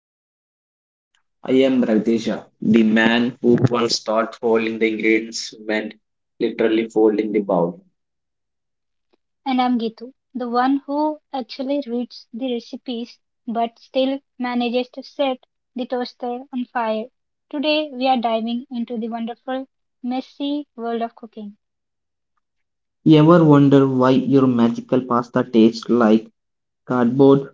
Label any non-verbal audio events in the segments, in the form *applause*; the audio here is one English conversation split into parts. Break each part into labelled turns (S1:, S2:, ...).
S1: to the cooking hobby. I am Ravdeja, the man who once thought folding the ingredients meant literally folding the bowl.
S2: And I'm Gitu, the one who actually reads the recipes but still manages to set the toaster on fire. Today we are diving into the wonderful, messy world of cooking.
S1: You ever wonder why your magical pasta tastes like cardboard,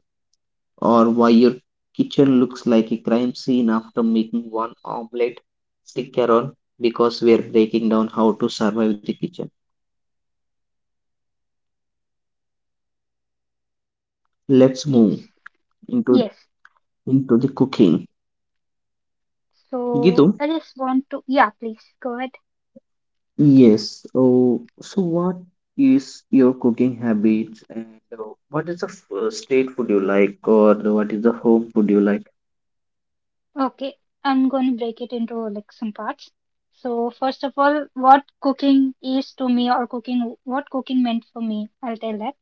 S1: or why your kitchen looks like a crime scene after making one omelette? Stick around because we are breaking down how to survive the kitchen. Let's move
S2: Yes,
S1: into
S2: yes.
S1: into the cooking.
S2: So
S1: Gitu,
S2: I just want to, yeah, please go ahead.
S1: yes. Oh, so what is your cooking habit and uh, what is the first state food you like, or what is the home food you like?
S2: Okay, I'm going to break it into like some parts. So first of all, what cooking is to me or cooking, what cooking meant for me, I'll tell that.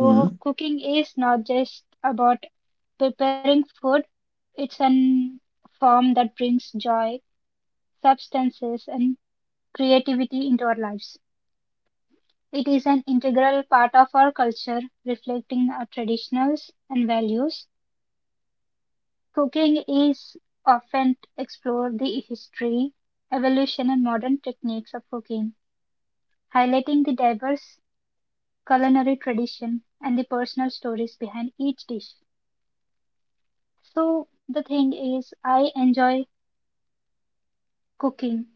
S1: Hmm.
S2: cooking is not just about preparing food, it's an form that brings joy, substances, and creativity into our lives. It is an integral part of our culture, reflecting our traditions and values. Cooking is often explored the history, evolution, and modern techniques of cooking, highlighting the diverse culinary tradition and the personal stories behind each dish. So the thing is, I enjoy cooking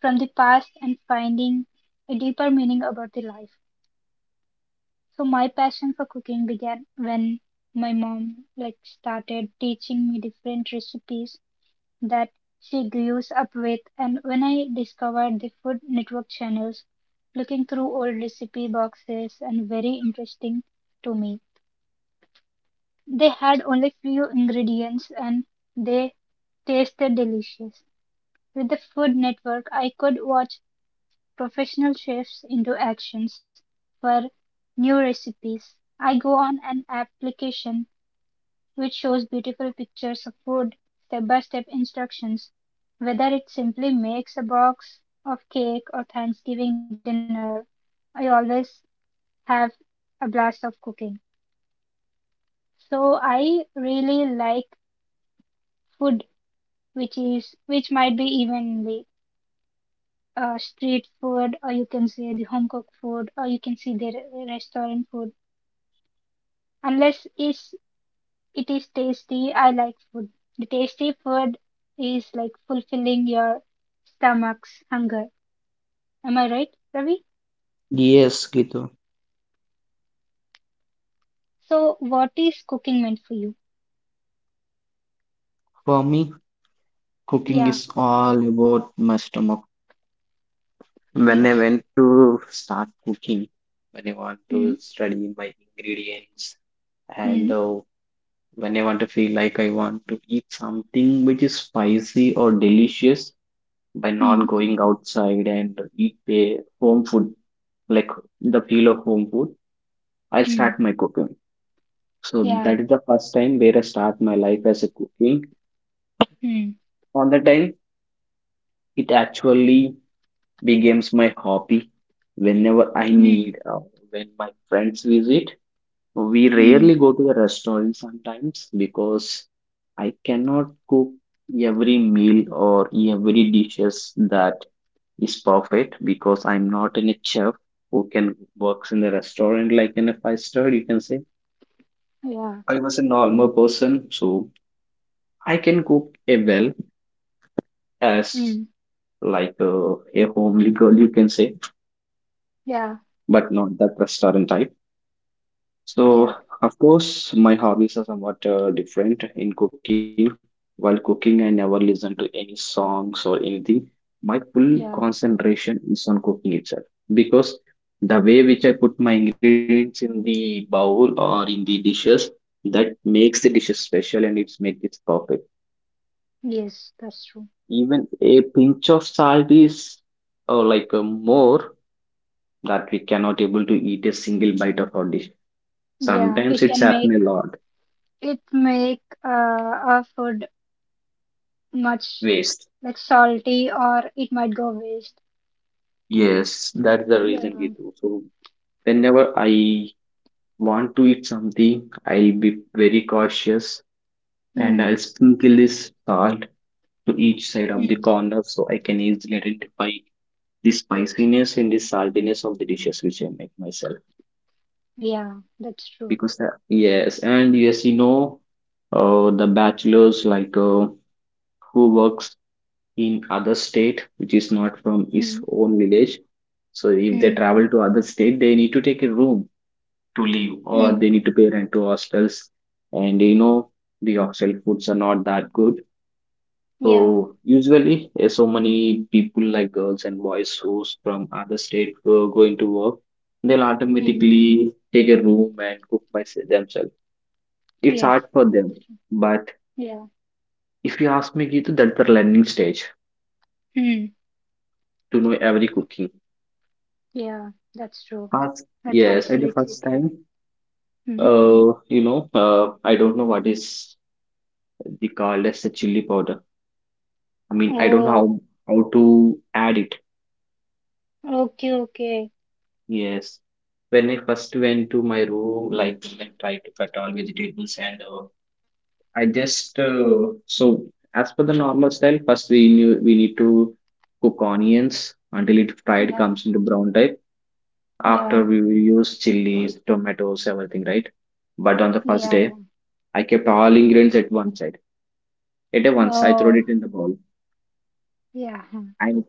S2: from the past and finding a deeper meaning about the life. So my passion for cooking began when my mom like started teaching me different recipes that she grows up with and when I discovered the Food Network channels looking through old recipe boxes and very interesting to me. They had only few ingredients and they tasted delicious. With the Food Network, I could watch professional chefs into actions for new recipes. I go on an application which shows beautiful pictures of food, step by step instructions, whether it simply makes a box of cake or Thanksgiving dinner. I always have a blast of cooking. So I really like food which is which might be evenly street food, or you can say the home cooked food, or you can see the restaurant food. Unless is it is tasty, I like food. The tasty food is like fulfilling your stomach's hunger. Am I right, Ravi?
S1: Yes, Gitu.
S2: So, what is cooking meant for you?
S1: For me, cooking is
S2: Yeah.
S1: all about my stomach. When I
S2: Yes.
S1: went to start cooking, when I want to
S2: Mm.
S1: study my ingredients and
S2: Mm.
S1: uh, when I want to feel like I want to eat something which is spicy or delicious by not
S2: Mm.
S1: going outside and eat a home food, like the feel of home food, I'll
S2: Mm.
S1: start my cooking. So
S2: Yeah.
S1: that is the first time where I start my life as a cooking.
S2: Mm.
S1: On the time, it actually becomes my hobby. Whenever I
S2: Mm.
S1: need, when my friends visit, we rarely
S2: Mm.
S1: go to the restaurant sometimes, because I cannot cook every meal or every dishes that is perfect, because I'm not in a chef who can works in the restaurant like in a five star, you can say.
S2: Yeah.
S1: I was a normal person, so I can cook a well as
S2: Mm.
S1: like a homely girl, you can say,
S2: Yeah.
S1: but not that restaurant type.
S2: Yeah.
S1: So, of course, my hobbies are somewhat different in cooking. While cooking, I never listen to any songs or anything. My full
S2: Yeah.
S1: concentration is on cooking itself, because the way which I put my ingredients in the bowl or in the dishes, that makes the dishes special and it's makes it perfect.
S2: Yes, that's true.
S1: Even a pinch of salt is like more, that we cannot able to eat a single bite of our dish.
S2: Yeah,
S1: Sometimes
S2: it
S1: it's
S2: can make.
S1: happened a lot,
S2: It make our food much
S1: waste.
S2: like salty or it might go waste.
S1: Yes, that's the reason we
S2: Yeah.
S1: do so. Whenever I want to eat something, I'll be very cautious, and
S2: Mm.
S1: I'll sprinkle this salt to each side of the
S2: Mm.
S1: corner so I can easily identify the spiciness and the saltiness of the dishes which I make myself,
S2: Yeah, that's true.
S1: because the, yes and yes, you know, the bachelors like who works in other state which is not from
S2: Mm.
S1: his own village. So if they
S2: Mm.
S1: travel to other state, they need to take a room to live, or
S2: Mm.
S1: they need to pay rent to hostels, and you know the hostel foods are not that good. So
S2: Yeah.
S1: usually, so many people like girls and boys who's from other state go going to work, they'll
S2: Mm.
S1: automatically take a room and cook by themselves. It's
S2: Yes,
S1: hard for them.
S2: that's true.
S1: But
S2: Yeah.
S1: if you ask me, Geetu, that's the learning stage
S2: Mm.
S1: to know every cooking.
S2: Yeah, that's true.
S1: First,
S2: That's
S1: yes, at the
S2: absolutely
S1: first
S2: true.
S1: time,
S2: Mm.
S1: you know, I don't know what is the called as the chili powder. I mean, I don't know
S2: Oh,
S1: how to add it.
S2: okay, okay.
S1: Yes, when I first went to my room, like I tried to cut all vegetables, and I just so as per the normal style, first we knew we need to cook onions until it fried
S2: Yeah,
S1: comes into brown type. After,
S2: yeah,
S1: we will use chilies, tomatoes, everything, right? But on the
S2: yeah,
S1: first
S2: yeah.
S1: day, I kept all ingredients at one side. At a once, I
S2: Oh,
S1: threw it in the bowl,
S2: yeah,
S1: and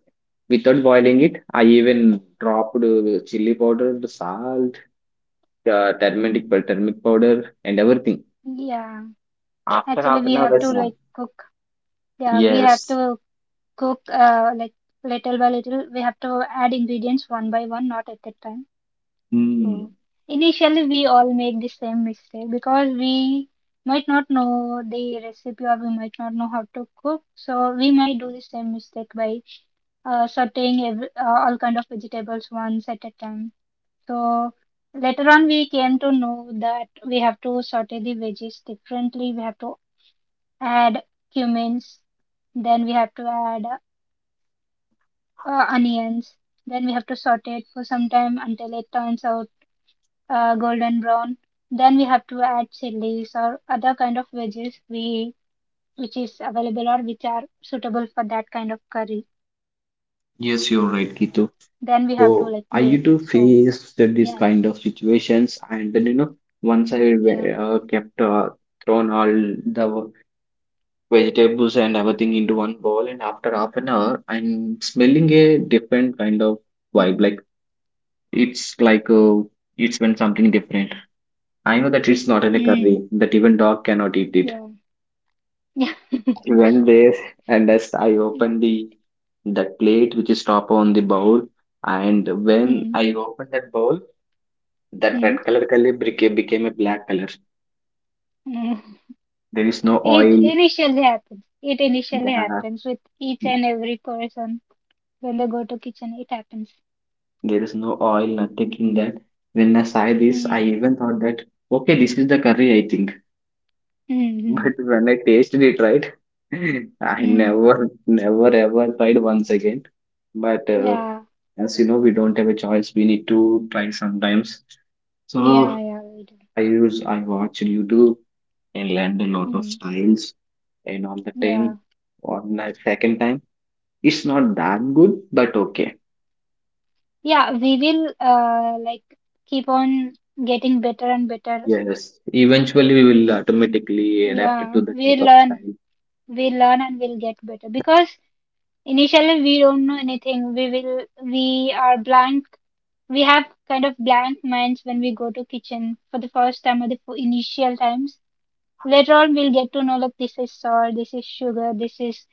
S1: without boiling it, I even dropped chili powder, the salt, turmeric powder, and everything.
S2: yeah.
S1: After
S2: Actually,
S1: half
S2: we
S1: an hour,
S2: have
S1: I
S2: to
S1: saw.
S2: like cook. Yeah, we have
S1: Yes.
S2: to cook like little by little. We have to add ingredients one by one, not at a time.
S1: Hmm.
S2: So initially, we all make the same mistake because we might not know the recipe or we might not know how to cook. So we might do the same mistake by sauteing every, all kind of vegetables once at a time. So later on, we came to know that we have to saute the veggies differently. We have to add cumins. Then we have to add onions. Then we have to saute it for some time until it turns out golden brown. Then we have to add chilies or other kind of veggies we which is available or which are suitable for that kind of curry. Then we have
S1: Yes,
S2: to
S1: you're
S2: like
S1: right,
S2: do it.
S1: Kitu.
S2: So
S1: So I used to
S2: yeah, yeah,
S1: face that this kind of situations, and then you know,
S2: yeah,
S1: once I wa- kept thrown all the vegetables and everything into one bowl, and after half an hour I'm smelling
S2: mm.
S1: a different kind of vibe. Like it's like has been something different. I know that it's not
S2: Mm.
S1: in a curry, that even dog cannot eat
S2: Yeah,
S1: it.
S2: *laughs* yeah,
S1: I went there, and as I
S2: yeah.
S1: opened the that plate which is top on the bowl, and when
S2: Mm.
S1: I opened that bowl, that
S2: Mm.
S1: red color became a black color.
S2: Mm.
S1: There is no
S2: It
S1: oil.
S2: initially happens. It initially
S1: Yeah.
S2: happens with each and every person when they go to kitchen. It happens.
S1: There is no oil, nothing in that. When I saw this,
S2: Hmm.
S1: I even thought that, okay, this is the curry, I think. *laughs*
S2: Mm-hmm.
S1: But when I tasted it, right, *laughs* I
S2: Mm.
S1: never, never, ever tried once again. But
S2: Yeah.
S1: as you know, we don't have a choice. We need to try sometimes.
S2: Yeah,
S1: So
S2: yeah, we do.
S1: I watch YouTube and learned a lot of
S2: Mm.
S1: styles. And on the
S2: Yeah.
S1: time, on the second time, it's not that good, but okay.
S2: Yeah, we will like keep on getting better and better.
S1: Yes, eventually we will automatically adapt it
S2: Yeah,
S1: to the
S2: we
S1: type of
S2: learn.
S1: style.
S2: We learn and we'll get better because initially we don't know anything. We will we are blank. We have kind of blank minds when we go to kitchen for the first time or the initial times. Later on, we'll get to know like this is salt, this is sugar, this is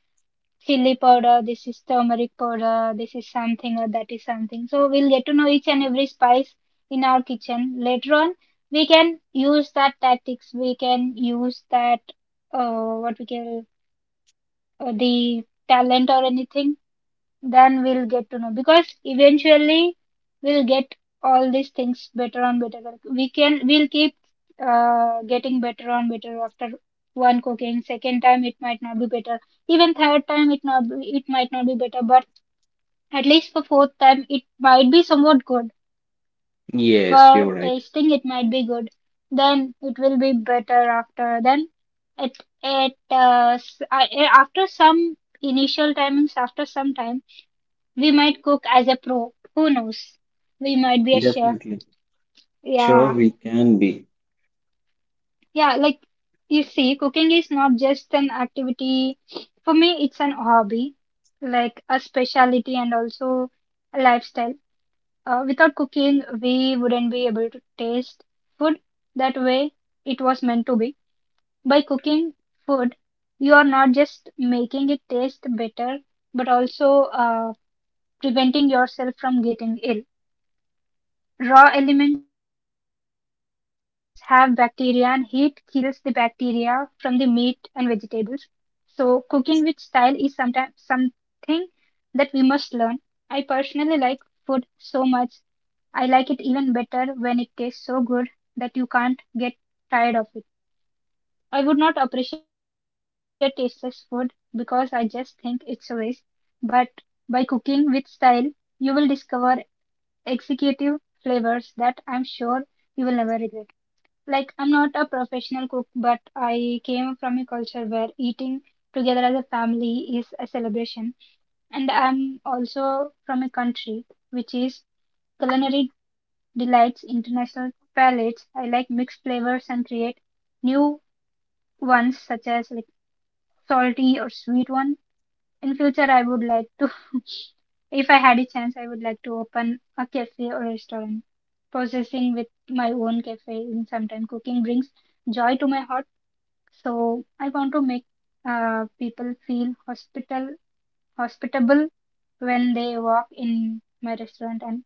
S2: chili powder, this is turmeric powder, this is something or that is something. So we'll get to know each and every spice in our kitchen. Later on, we can use that tactics. We can use that what we call the talent or anything then we'll get to know because eventually we'll get all these things better and better we can we'll keep getting better and better after one cooking second time it might not be better even third time it not be, it might not be better but at least for fourth time it might be somewhat good
S1: Yes,
S2: for
S1: you're right.
S2: tasting it might be good then it will be better after then it it after some initial timings after some time we might cook as a pro. Who knows? We might be a chef.
S1: Definitely. Sure,
S2: Yeah.
S1: we can be.
S2: Yeah, like you see, cooking is not just an activity. For me, it's an hobby, like a specialty and also a lifestyle. Without cooking, we wouldn't be able to taste food that way it was meant to be. By cooking food, you are not just making it taste better, but also preventing yourself from getting ill. Raw elements have bacteria and heat kills the bacteria from the meat and vegetables. So cooking with style is sometimes something that we must learn. I personally like food so much. I like it even better when it tastes so good that you can't get tired of it. I would not appreciate tasteless food because I just think it's a waste, but by cooking with style, you will discover executive flavors that I'm sure you will never regret. Like, I'm not a professional cook, but I came from a culture where eating together as a family is a celebration. And I'm also from a country which is culinary delights international palates. I like mixed flavors and create new ones such as like salty or sweet one. In future, I would like to. If I had a chance, I would like to open a cafe or restaurant. Processing with my own cafe in some cooking brings joy to my heart. So I want to make people feel hospital hospitable when they walk in my restaurant and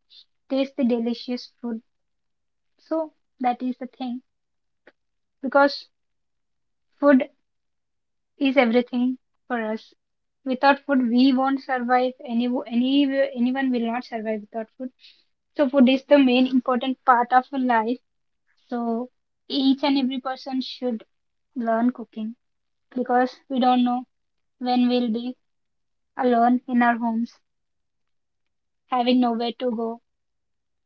S2: taste the delicious food. So that is the thing because food is everything for us. Without food, we won't survive. Any, anyone will not survive without food. So food is the main important part of your life. So each and every person should learn cooking because we don't know when we'll be alone in our homes, having nowhere to go.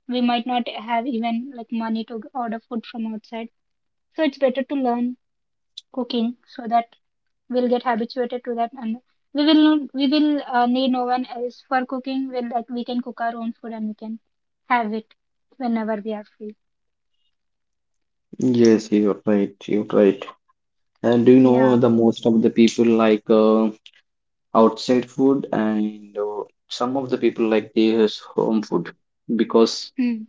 S2: We might not have even like money to order food from outside. So it's better to learn cooking so that we'll get habituated to that and we will need no one else for cooking. We'll like we can cook our own food and we can have it whenever we are free.
S1: Yes, you're right. You're right. And do you know
S2: Yeah.
S1: the most of the people like outside food, and some of the people like this home food, because
S2: Mm.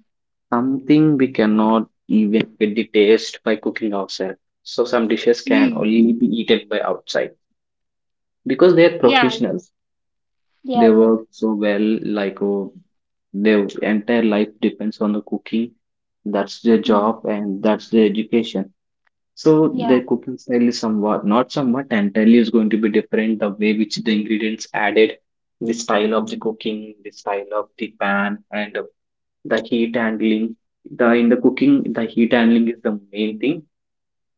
S1: something we cannot even get the taste by cooking outside. So some dishes can
S2: Mm.
S1: only be eaten by outside because they are
S2: Yeah,
S1: professionals. They
S2: yeah, yeah.
S1: work so well, like oh, their entire life depends on the cooking. That's their
S2: Mm,
S1: job and that's their education. So
S2: yeah,
S1: their cooking style is somewhat, not somewhat, entirely is going to be different. The way which the ingredients added, the style of the cooking, the style of the pan, and the heat handling. The in the cooking, the heat handling is the main thing.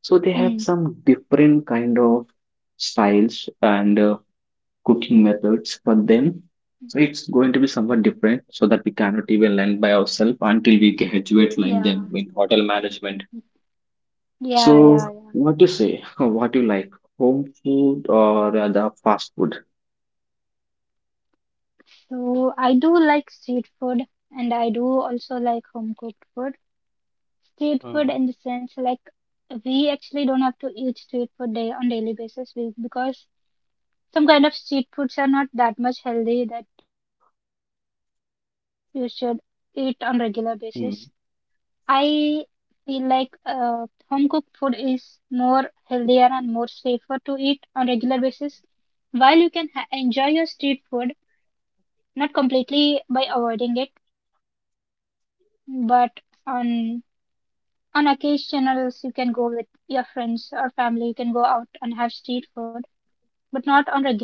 S1: So they have
S2: mm,
S1: some different kind of styles and cooking methods for them. So it's going to be somewhat different, so that we cannot even learn by ourselves until we graduate like them
S2: yeah,
S1: in hotel management.
S2: yeah,
S1: So
S2: yeah, yeah.
S1: what you say? *laughs* What you like? Home food or rather fast food?
S2: So I do like street food and I do also like home cooked food. Street food
S1: Mm,
S2: in the sense like we actually don't have to eat street food day on daily basis we, because some kind of street foods are not that much healthy that you should eat on regular basis.
S1: mm.
S2: I feel like home cooked food is more healthier and more safer to eat on regular basis. While you can enjoy your street food, not completely by avoiding it, but on on occasionals you can go with your friends or family. You can go out and have street food, but not on regular basis.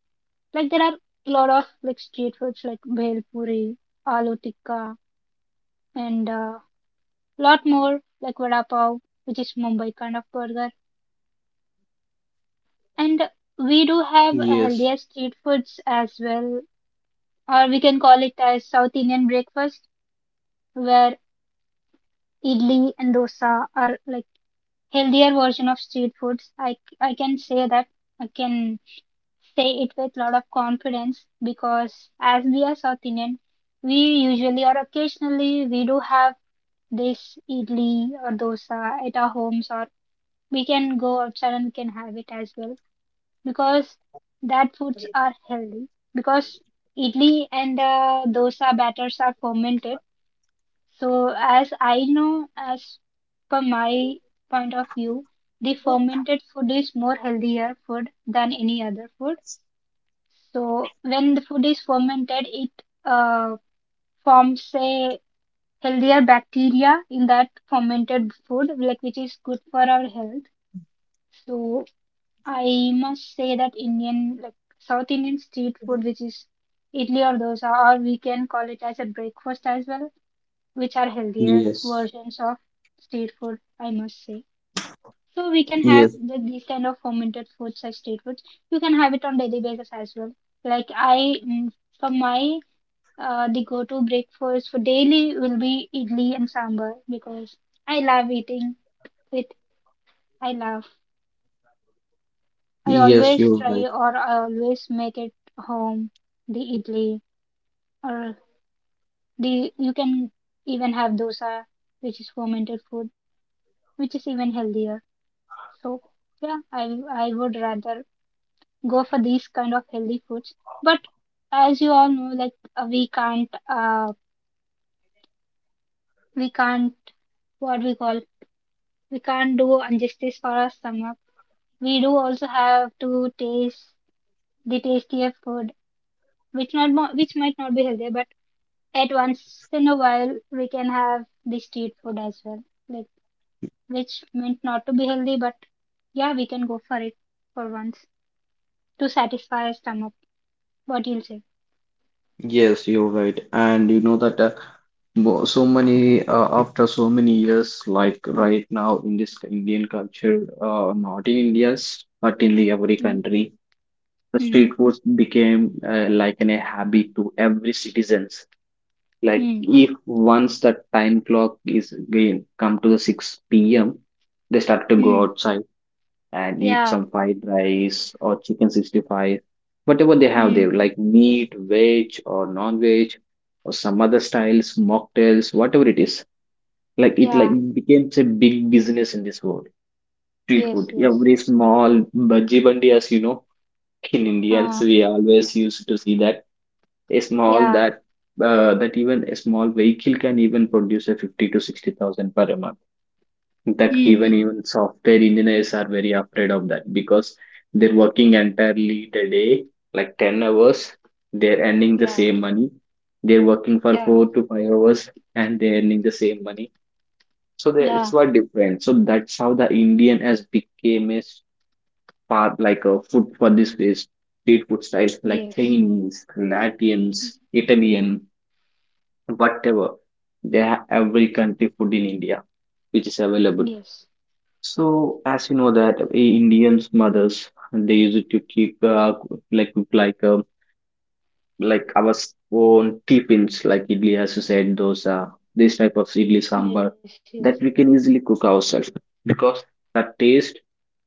S2: Like there are a lot of like street foods like bhel puri, aloo tikka, and lot more like vada pav, which is Mumbai kind of burger. And we
S1: Yes,
S2: do have healthier street foods as well, or we can call it as South Indian breakfast, where idli and dosa are like healthier version of street foods. I can say that. I can say it with a lot of confidence because as we are South Indian, we usually or occasionally we do have this idli or dosa at our homes or we can go outside and we can have it as well because that foods are healthy because idli and dosa batters are fermented so as I know as per my point of view the fermented food is more healthier food than any other food so when the food is fermented it uh, forms a healthier bacteria in that fermented food like which is good for our health so I must say that Indian, like South Indian street food, which is idli or dosa, or we can call it as a breakfast as well, which are healthier
S1: yes,
S2: versions of street food, I must say. So we can
S1: yes,
S2: have these kind of fermented foods as street foods. You can have it on daily basis as well. Like I, mm, for my, the go-to breakfast for daily will be idli and sambar because I love eating it. I love. I
S1: yes,
S2: always
S1: you're
S2: try
S1: right.
S2: or I always make it home the idli or the you can even have dosa which is fermented food which is even healthier. So yeah, I would rather go for these kind of healthy foods. But as you all know, like we can't what we call we can't do injustice for our stomach. We do also have to taste the tastier food which might not be healthy, but at once in a while, we can have the street food as well, like which meant not to be healthy, but yeah, we can go for it for once to satisfy our stomach. What you'll say?
S1: Yes, you're right. And you know that so many, after so many years, like right now in this Indian culture, not in India, but in the every
S2: Mm,
S1: country, the
S2: mm,
S1: street foods became like a habit to every citizens. Like
S2: mm,
S1: if once the time clock is again come to the 6 p.m, they start to go
S2: mm.
S1: outside and eat
S2: Yeah,
S1: some fried rice or chicken 65, whatever they have there,
S2: mm,
S1: like meat veg or non-veg, or some other styles mocktails, whatever it is. Like it like
S2: yeah,
S1: becomes a big business in this world, street food
S2: yes, yes.
S1: every small bhaji bandi. As you know, in Indians,
S2: Uh,
S1: we always used to see that a small
S2: yeah,
S1: that that even a small vehicle can even produce a 50 to 60,000 per month.
S2: mm,
S1: That even
S2: mm,
S1: even software engineers are very afraid of that, because they're working entirely the day, like 10 hours, they're earning the
S2: yeah,
S1: same money. They're working for
S2: yeah,
S1: 4 to 5 hours and they're earning the same money. So there it's
S2: yeah,
S1: what different. So that's how the Indian has became a part like a food for this place, street food styles like
S2: yes.
S1: Chinese, Latins, Italian, whatever they have, every country food in India which is available.
S2: Yes,
S1: So as you know that, indians mothers, they use it to keep like like uh, like our s- own tiffins, like idli, as you said, dosa, this type of idli sambar,
S2: yes, yes.
S1: that we can easily cook ourselves, because the taste,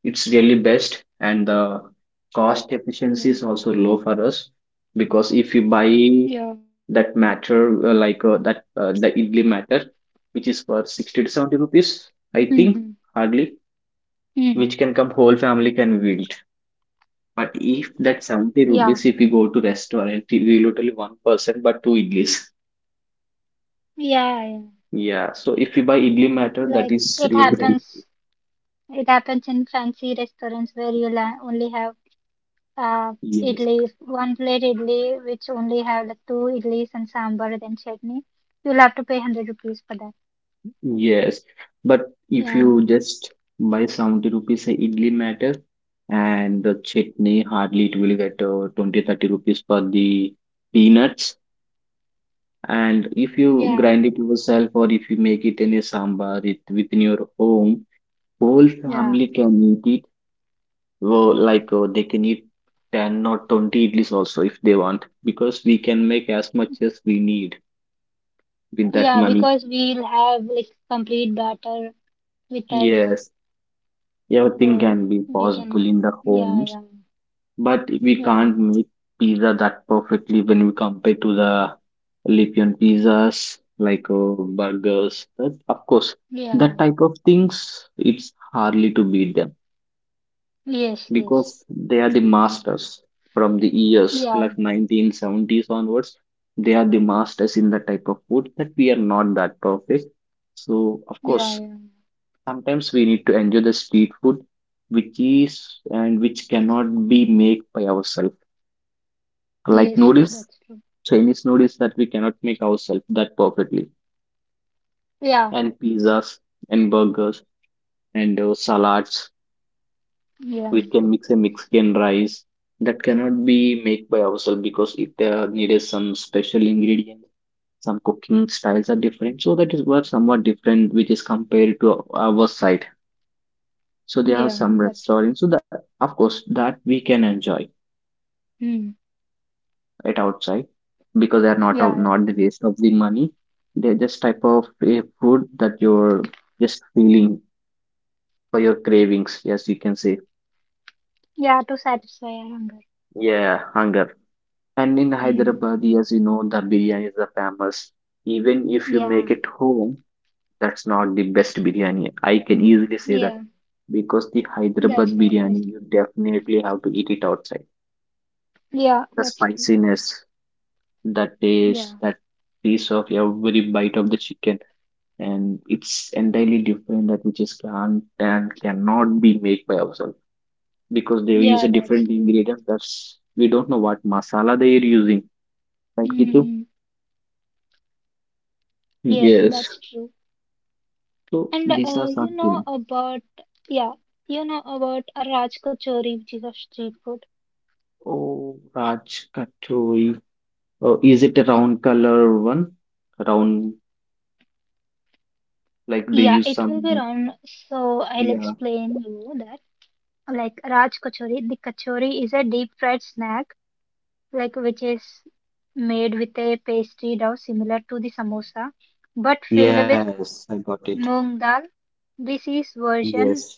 S1: it's really best, and the
S2: Yeah,
S1: cost efficiency is also low for us. Because if you buy
S2: yeah.
S1: that matter, like that the idli matter which is for 60 to
S2: Mm-hmm.
S1: 70 rupees, I think,
S2: Mm.
S1: hardly, which can come whole family can wield. But if
S2: Yeah,
S1: that 70 rupees, if you go to restaurant, we will totally one person but two idlis.
S2: yeah, yeah.
S1: Yeah. So if you buy idli matter,
S2: Like
S1: that is
S2: it
S1: really help.
S2: happens It happens in fancy restaurants where you'll only have uh,
S1: Yes,
S2: idli, one plate idli, which only have like two idlis and sambar, then chutney. You'll have to pay 100 rupees for that.
S1: yes, but if
S2: Yeah,
S1: you just buy 70 rupees a idli matter, and the chutney hardly it will get 20 30 rupees for the peanuts. And if you
S2: yeah,
S1: grind it yourself, or if you make it in a sambar it, within your home, whole
S2: yeah.
S1: family can eat it. Well, like they can eat 10 or 20 idlis also if they want, because we can make as much as we need with that
S2: Yeah,
S1: money.
S2: because we'll have like complete batter with us,
S1: Yes, everything
S2: so
S1: can be
S2: we can
S1: possible
S2: have.
S1: in the
S2: Yeah,
S1: homes.
S2: yeah,
S1: But we
S2: yeah,
S1: can't make pizza that perfectly when we compare to the Philippine pizzas, like burgers. That, of course, that
S2: yeah.
S1: type of things, it's hardly to beat them,
S2: Yes, yes.
S1: because they are the masters from the years
S2: Yeah,
S1: like 1970s onwards. They are the masters in that type of food that we are not that perfect. So, of
S2: yeah,
S1: course,
S2: yeah.
S1: sometimes we need to enjoy the street food which is and which cannot be made by ourselves, like
S2: Yes,
S1: noodles,
S2: that's true.
S1: Chinese noodles that we cannot make ourselves that perfectly,
S2: Yeah,
S1: and pizzas and burgers and salads.
S2: yeah,
S1: We can mix a Mexican rice that cannot be made by ourselves because it needed some special ingredients. Some cooking styles are different, so that is what somewhat different, which is compared to our side. So there are
S2: yeah,
S1: some
S2: that's
S1: restaurants, so that of course that we can enjoy
S2: true. Mm.
S1: it outside because they are not
S2: Yeah,
S1: of
S2: yeah.
S1: not the waste of the money. They're just type of a food that you're just feeling for your cravings. Yes, you can say
S2: Yeah, to satisfy our hunger.
S1: yeah, hunger. And in
S2: Hmm.
S1: Hyderabad, as you know, the biryani is the famous. Even if you make
S2: Yeah,
S1: it home, that's not the best biryani. I can easily say that
S2: yeah,
S1: because the Hyderabad
S2: that's not
S1: biryani,
S2: best.
S1: you definitely have to eat it outside.
S2: Yeah,
S1: The
S2: that's true.
S1: spiciness, the
S2: Yeah,
S1: taste, that piece of every bite of the chicken, and it's entirely different that which is can't and cannot be made by ourselves because they use a
S2: yeah, that's
S1: different
S2: true.
S1: ingredient that's we don't know what masala they are using, right, Gitu?
S2: Hmm. Yes,
S1: Yes.
S2: that's true.
S1: So
S2: And
S1: these are
S2: you know
S1: something.
S2: about yeah, you know about a Raj Kachori, which is a street food.
S1: Oh, Raj Katori. Oh, is it a round color one, round, like they
S2: Yeah,
S1: use
S2: it will be
S1: some,
S2: wrong. So I'll
S1: yeah.
S2: explain you that. Like Raj Kachori, the kachori is a deep fried snack, like which is made with a pastry dough similar to the samosa, but filled with
S1: Yes, I got it.
S2: Moong dal. This is
S1: Yes.
S2: version.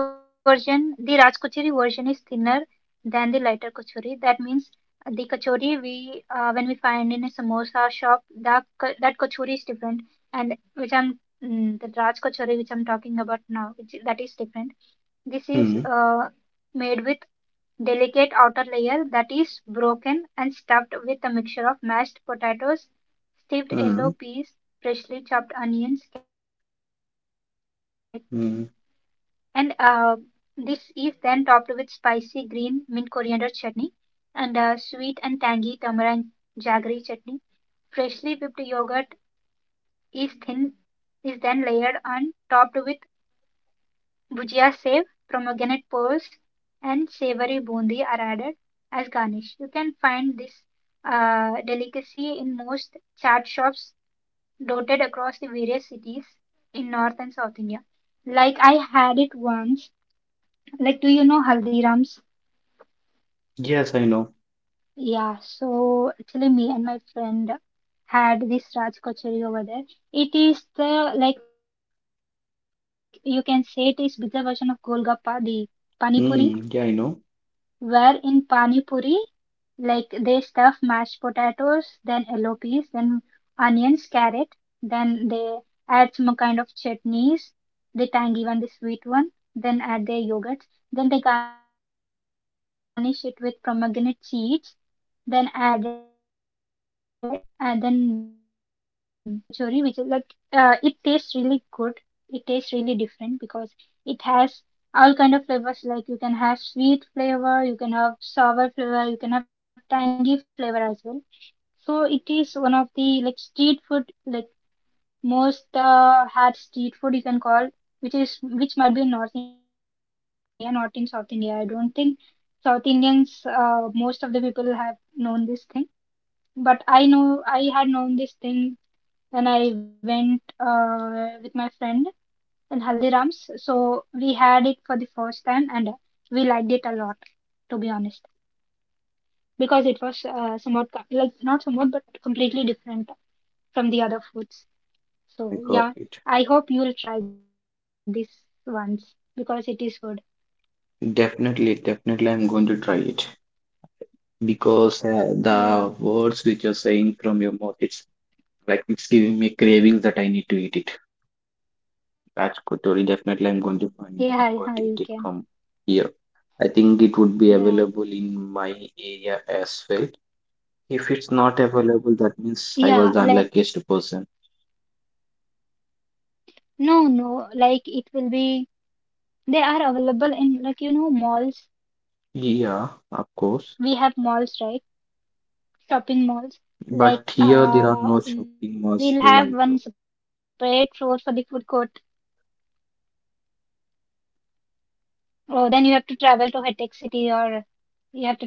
S2: This version, the Raj Kachori version, is thinner than the lighter kachori. That means the kachori we when we find in a samosa shop, that kachori is different, and the Raj Kachori which I'm talking about now, which that is different. This is
S1: Hmm.
S2: made with delicate outer layer that is broken and stuffed with a mixture of mashed potatoes, steeped
S1: Hmm.
S2: yellow peas, freshly chopped onions, carrot. And
S1: Hmm.
S2: this is then topped with spicy green mint coriander chutney and sweet and tangy tamarind jaggery chutney. Freshly whipped yogurt is thin, is then layered and topped with bhujia sev, pomegranate pearls, and savory bundi are added as garnish. You can find this delicacy in most chaat shops dotted across the various cities in North and South India. Like, I had it once. Like, do you know Haldirams?
S1: Yes, I know.
S2: Yeah, so actually, me and my friend had this Raj Kachori over there. Like, you can say it is bigger version of Golgappa, the Pani Puri,
S1: Hmm. Yeah, I
S2: where
S1: know.
S2: in Pani Puri, like they stuff mashed potatoes, then yellow peas, then onions, carrot, then they add some kind of chutneys, the tangy one, the sweet one, then add their yogurts, then they garnish it with pomegranate seeds, then add it, and then add the bundi. So this is the Raj Kochori, which is like, it tastes really good. It tastes really different because it has all kind of flavors. Like you can have sweet flavor, you can have sour flavor, you can have tangy flavor as well. So it is one of the like street food, like most had street food you can call, which might be in North India, not in South India. I don't think South Indians, most of the people have known this thing. But I had known this thing, then I went with my friend in Haldiram's. So we had it for the first time and we liked it a lot, to be honest, because it was somewhat, like, not somewhat, but completely different from the other foods.
S1: I
S2: So
S1: got
S2: yeah,
S1: it.
S2: I hope you will try this once because it is good.
S1: Definitely, definitely, I'm going to try it because
S2: Yeah,
S1: the words which you're saying from your mouth, it's like it's giving me cravings that I need to eat it. That's good, Tori.
S2: yeah,
S1: Definitely, I'm
S2: yeah,
S1: going to
S2: you
S1: find
S2: can.
S1: and I'm going to eat it from here. I
S2: Yeah,
S1: think it would be available in my area as well. If it's not available, that
S2: yeah,
S1: means I
S2: like,
S1: was the unluckiest person.
S2: no, no, like, they are available in, like, malls.
S1: Yeah,
S2: We
S1: of
S2: have malls,
S1: course.
S2: right? Shopping malls. Like,
S1: But
S2: we'll
S1: here
S2: have
S1: there are
S2: one
S1: no
S2: separate floor
S1: shopping
S2: for the
S1: malls
S2: food
S1: like.
S2: court. Oh, then you have to travel to Hatek City, or you have to travel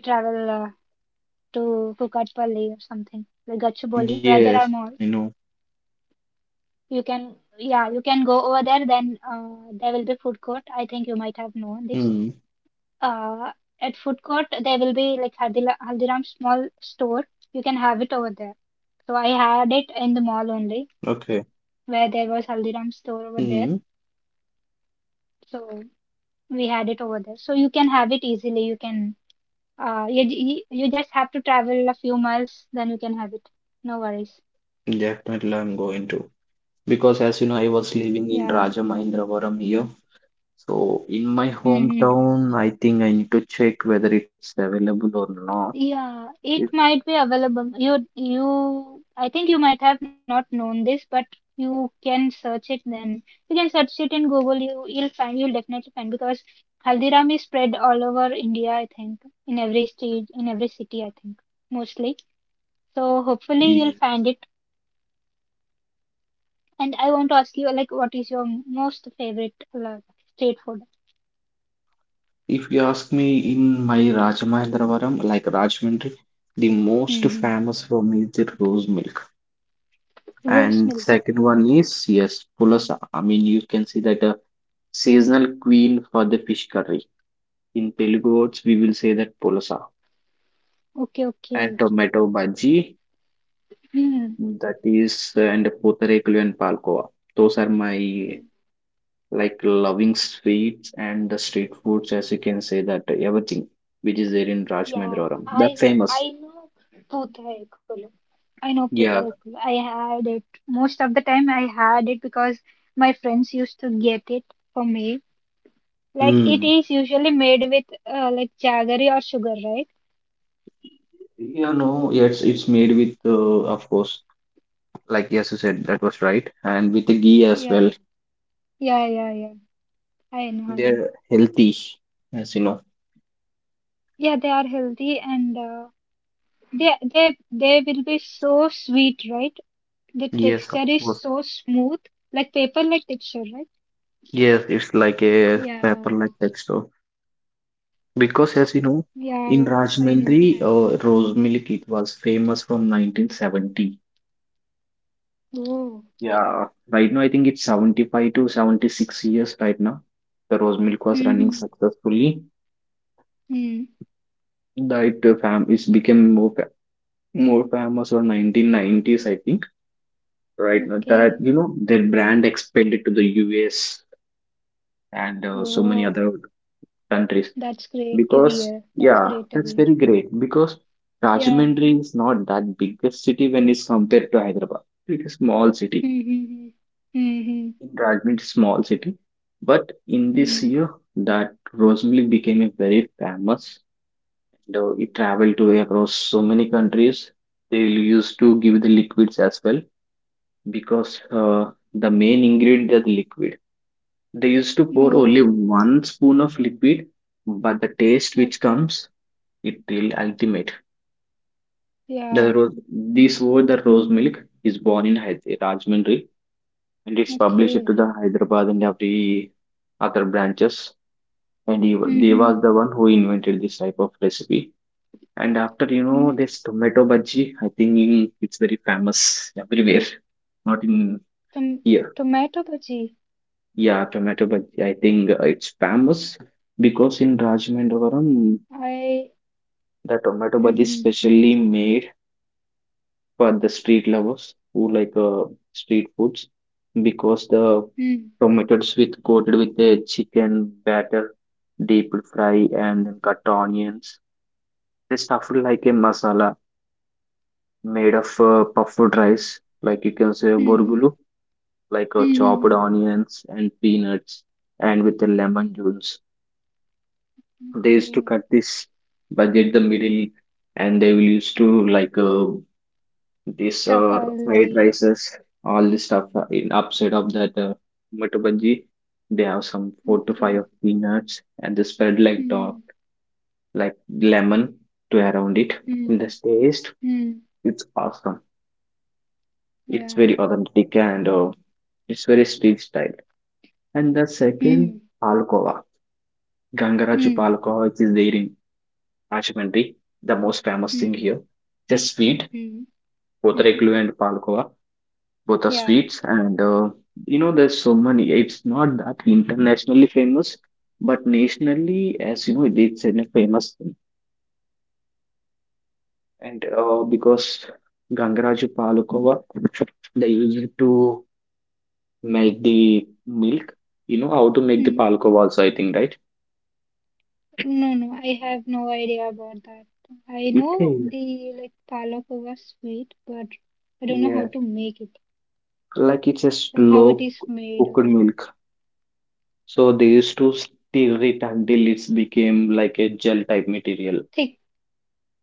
S2: to Kukatpally or something like Gachibowli, where there are malls.
S1: Yes, I know.
S2: You can, yeah, you can go over there. Then there will be food court. I think you might have known this.
S1: Hmm.
S2: Uh, at food court, there will be like Haldiram small store. You can have it over there. So I had it in the mall only,
S1: Okay.
S2: where there was Haldiram store over there.
S1: Hmm.
S2: So we had it over there, so you can have it easily, you can you, you you just have to travel a few miles, then you can have it. No worries.
S1: Definitely, I'm going to. Because as you know, I was living in
S2: Yeah.
S1: Raja Mahendravaram here. So in my
S2: Mm-hmm.
S1: hometown, I think I need to check whether it's available or not.
S2: Yeah,
S1: If
S2: it might be available. You, I think you might have not known this, but you can search it. Then you can search it in Google. You'll definitely find, because Haldiram is spread all over India, I think, in every state, in every city, I think, mostly. So hopefully
S1: yeah.
S2: you'll find it. And I want to ask you, like, what is your most favorite, like, street food?
S1: If you ask me, in my Raja Mahendravaram, like Rajahmundry, the most
S2: Hmm.
S1: famous for me is the rose milk,
S2: Rose
S1: and
S2: milk.
S1: second one is yes, pulasa. I mean, you can see that a seasonal queen for the fish curry. In Telugu words, we will say that pulasa
S2: Okay,
S1: and
S2: okay.
S1: tomato bhaji.
S2: Hmm.
S1: That is, and Potareklu and Palkova. Those are my like loving sweets and the street foods, as you can say that everything which is there in
S2: Yeah,
S1: Rajmahendrapuram.
S2: I
S1: That
S2: know.
S1: famous.
S2: I know Puthaikulu. I know
S1: Yeah.
S2: Putarekul. I had it most of the time. I had it because my friends used to get it for me. Like it
S1: Hmm.
S2: is usually made with like jaggery or sugar, right?
S1: You know, it's made with of course, like yes, you said that was right, and with the ghee as
S2: Yeah.
S1: well.
S2: Yeah, yeah, yeah. I know, I know.
S1: They're healthy, as you know.
S2: Yeah, they are healthy. And They will be so sweet, right? The
S1: Yes, of
S2: texture is
S1: course.
S2: so smooth, like paper like texture, right?
S1: Yes, it's like a
S2: Yeah,
S1: paper-like texture.
S2: yeah,
S1: Because as you
S2: I
S1: know,
S2: know I had
S1: in
S2: it.
S1: Rajmundry, rose milk it was famous from 1970.
S2: Oh.
S1: Yeah, right now I think it's 75 to 76 years right now. The rose milk was running
S2: Mm-hmm.
S1: successfully.
S2: Mm.
S1: That fam is became more famous or 1990s I think. Right now that
S2: Okay.
S1: you know their brand expanded to the US and so many
S2: Oh,
S1: other countries.
S2: that's great to
S1: Because,
S2: hear. That's
S1: yeah,
S2: great to
S1: that's
S2: hear.
S1: very great. Because
S2: Yeah.
S1: Rajahmundry is not that biggest city when it's compared to Hyderabad. It's a small city.
S2: Mm-hmm. Mm-hmm.
S1: In Rajahmundry, is small city. But in
S2: Mm.
S1: this year, that rose milk became a very famous. And it traveled to across so many countries. They used to give the liquids as well because the main ingredient is the liquid. They used to pour only
S2: Oh,
S1: one spoon of liquid, but the taste which
S2: okay.
S1: comes, it really ultimate. The
S2: Yeah.
S1: rose, this word, the rose milk, is born in Rajahmundry and it's published
S2: Okay.
S1: to the Hyderabad and every other branches. And they
S2: Mm-hmm.
S1: was the one who invented this type of recipe. And after you know
S2: Mm.
S1: this tomato bhaji, I think it's very famous everywhere, not in
S2: Tom
S1: here.
S2: Tomato bhaji.
S1: Yeah, tomato bhaji. I think it's famous because in
S2: I.
S1: Rajahmundry,
S2: Mm-hmm.
S1: the tomato bhaji is specially made for the street lovers who like street foods because the
S2: Mm.
S1: tomatoes with coated with a chicken batter, deep fry and then cut onions. They stuffed like a masala made of puffed rice, like you can say
S2: Mm-hmm.
S1: burgulu, like chopped
S2: Mm-hmm.
S1: onions and peanuts, and with the lemon juice. They used to
S2: Okay.
S1: cut this budget the middle, and they will used to like this
S2: Stuff all
S1: or fried
S2: day.
S1: rices, all this stuff in upside of that tomato bhaji. They have some four to five
S2: Okay.
S1: of peanuts and they spread like dog,
S2: Mm-hmm.
S1: like lemon to around it. And
S2: Mm-hmm.
S1: the taste,
S2: Mm-hmm.
S1: it's awesome. It's
S2: Yeah.
S1: very authentic and it's very street style. And the second,
S2: Mm-hmm.
S1: palkova, Gangaraju
S2: Mm-hmm.
S1: palkova, which is there in Ashmandi, the most famous thing
S2: Mm-hmm.
S1: here. Just sweet,
S2: Mm-hmm.
S1: potareklu and palkova both are
S2: Yeah.
S1: sweets, and you know there's so many, it's not that internationally famous, but nationally, as you know it's a famous thing. And because gangaraju palukova, they use it to melt the milk. You know how to make the
S2: Mm-hmm.
S1: palukova also, I think, right?
S2: No, no, I have no idea about that. I know
S1: Okay.
S2: the like palakova sweet, but I don't know how
S1: Yeah,
S2: to make it.
S1: like it's a
S2: Like how
S1: slow
S2: it is made or
S1: cooked
S2: not.
S1: milk. So they used to stir it until it's became like a gel type material.
S2: Thick.